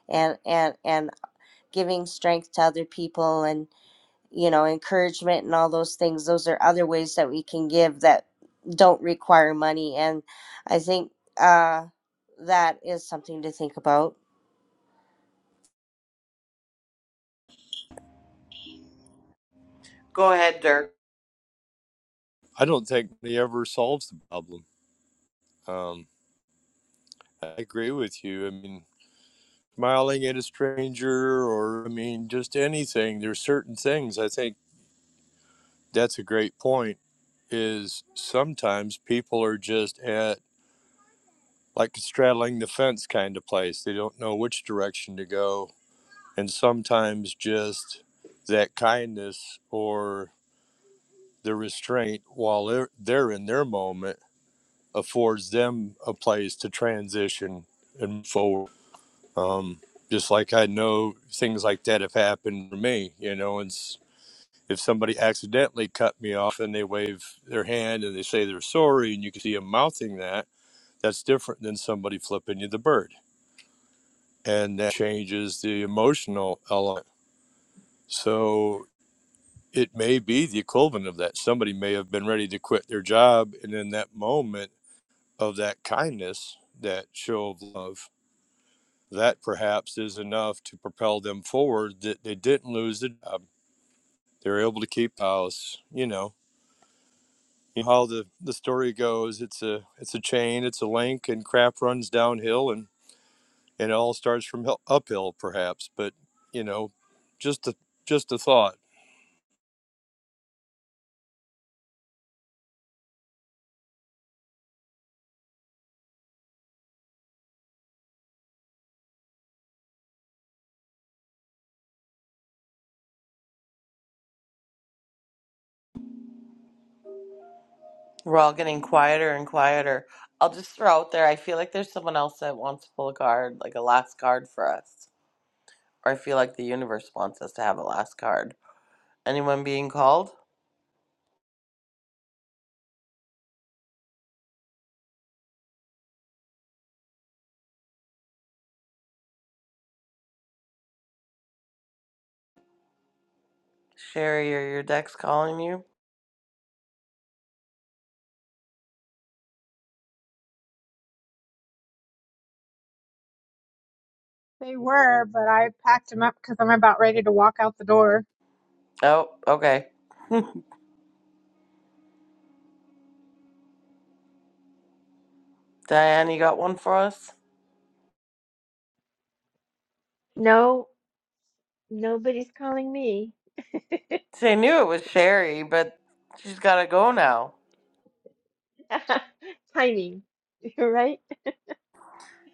Speaker 3: and and and giving strength to other people and. you know, encouragement and all those things. Those are other ways that we can give that don't require money. And I think uh, that is something to think about.
Speaker 1: Go ahead, Dirk.
Speaker 6: I don't think money ever solves the problem. Um, I agree with you. I mean, smiling at a stranger, or I mean, just anything. There's certain things. I think that's a great point. Is sometimes people are just at like straddling the fence kind of place. They don't know which direction to go. And sometimes just that kindness or the restraint while they're, they're in their moment affords them a place to transition and forward. Um, just like I know things like that have happened for me, you know, and if somebody accidentally cut me off and they wave their hand and they say they're sorry and you can see them mouthing that, that's different than somebody flipping you the bird and that changes the emotional element. So it may be the equivalent of that. Somebody may have been ready to quit their job, and in that moment of that kindness, that show of love, that perhaps is enough to propel them forward that they didn't lose the job. They're able to keep the house, you know. You know How the, the story goes, it's a it's a chain, it's a link, and crap runs downhill, and, and it all starts from uphill, perhaps. But you know, just a just a thought
Speaker 1: We're all getting quieter and quieter. I'll just throw out there, I feel like there's someone else that wants to pull a card, like a last card for us. Or I feel like the universe wants us to have a last card. Anyone being called? Sherry or your deck's calling you?
Speaker 5: They were, but I packed them up because I'm about ready to walk out the door.
Speaker 1: Oh, okay. Diane, you got one for us?
Speaker 4: No, nobody's calling me.
Speaker 1: They knew it was Sherry, but she's gotta go now.
Speaker 4: Timing, right?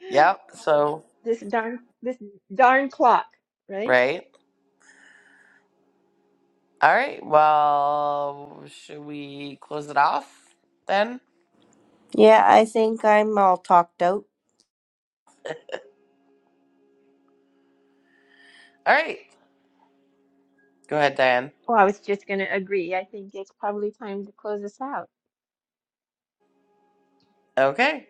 Speaker 1: Yep, so,
Speaker 4: This darn this darn clock, right?
Speaker 1: right? All right. Well, should we close it off then?
Speaker 3: Yeah, I think I'm all talked out.
Speaker 1: All right. Go ahead, Diane.
Speaker 4: Well, I was just going to agree. I think it's probably time to close this out.
Speaker 1: Okay.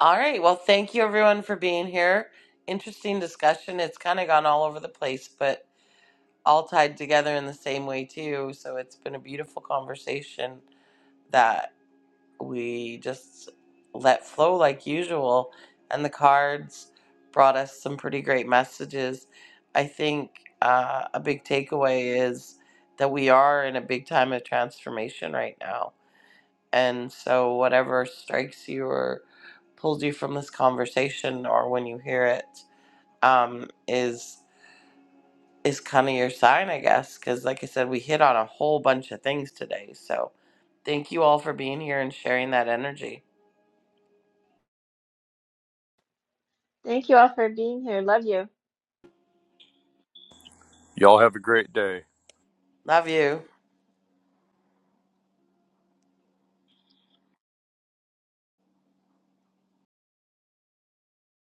Speaker 1: All right. Well, thank you everyone for being here. Interesting discussion. It's kind of gone all over the place, but all tied together in the same way, too. So it's been a beautiful conversation that. we just let flow like usual and the cards brought us some pretty great messages i think uh, a big takeaway is that we are in a big time of transformation right now and so whatever strikes you or pulls you from this conversation or when you hear it um, is is kind of your sign i guess because like i said we hit on a whole bunch of things today so thank you all for being here and sharing that energy
Speaker 4: Thank you all for being here. Love you.
Speaker 6: Y'all have a great day.
Speaker 1: Love you.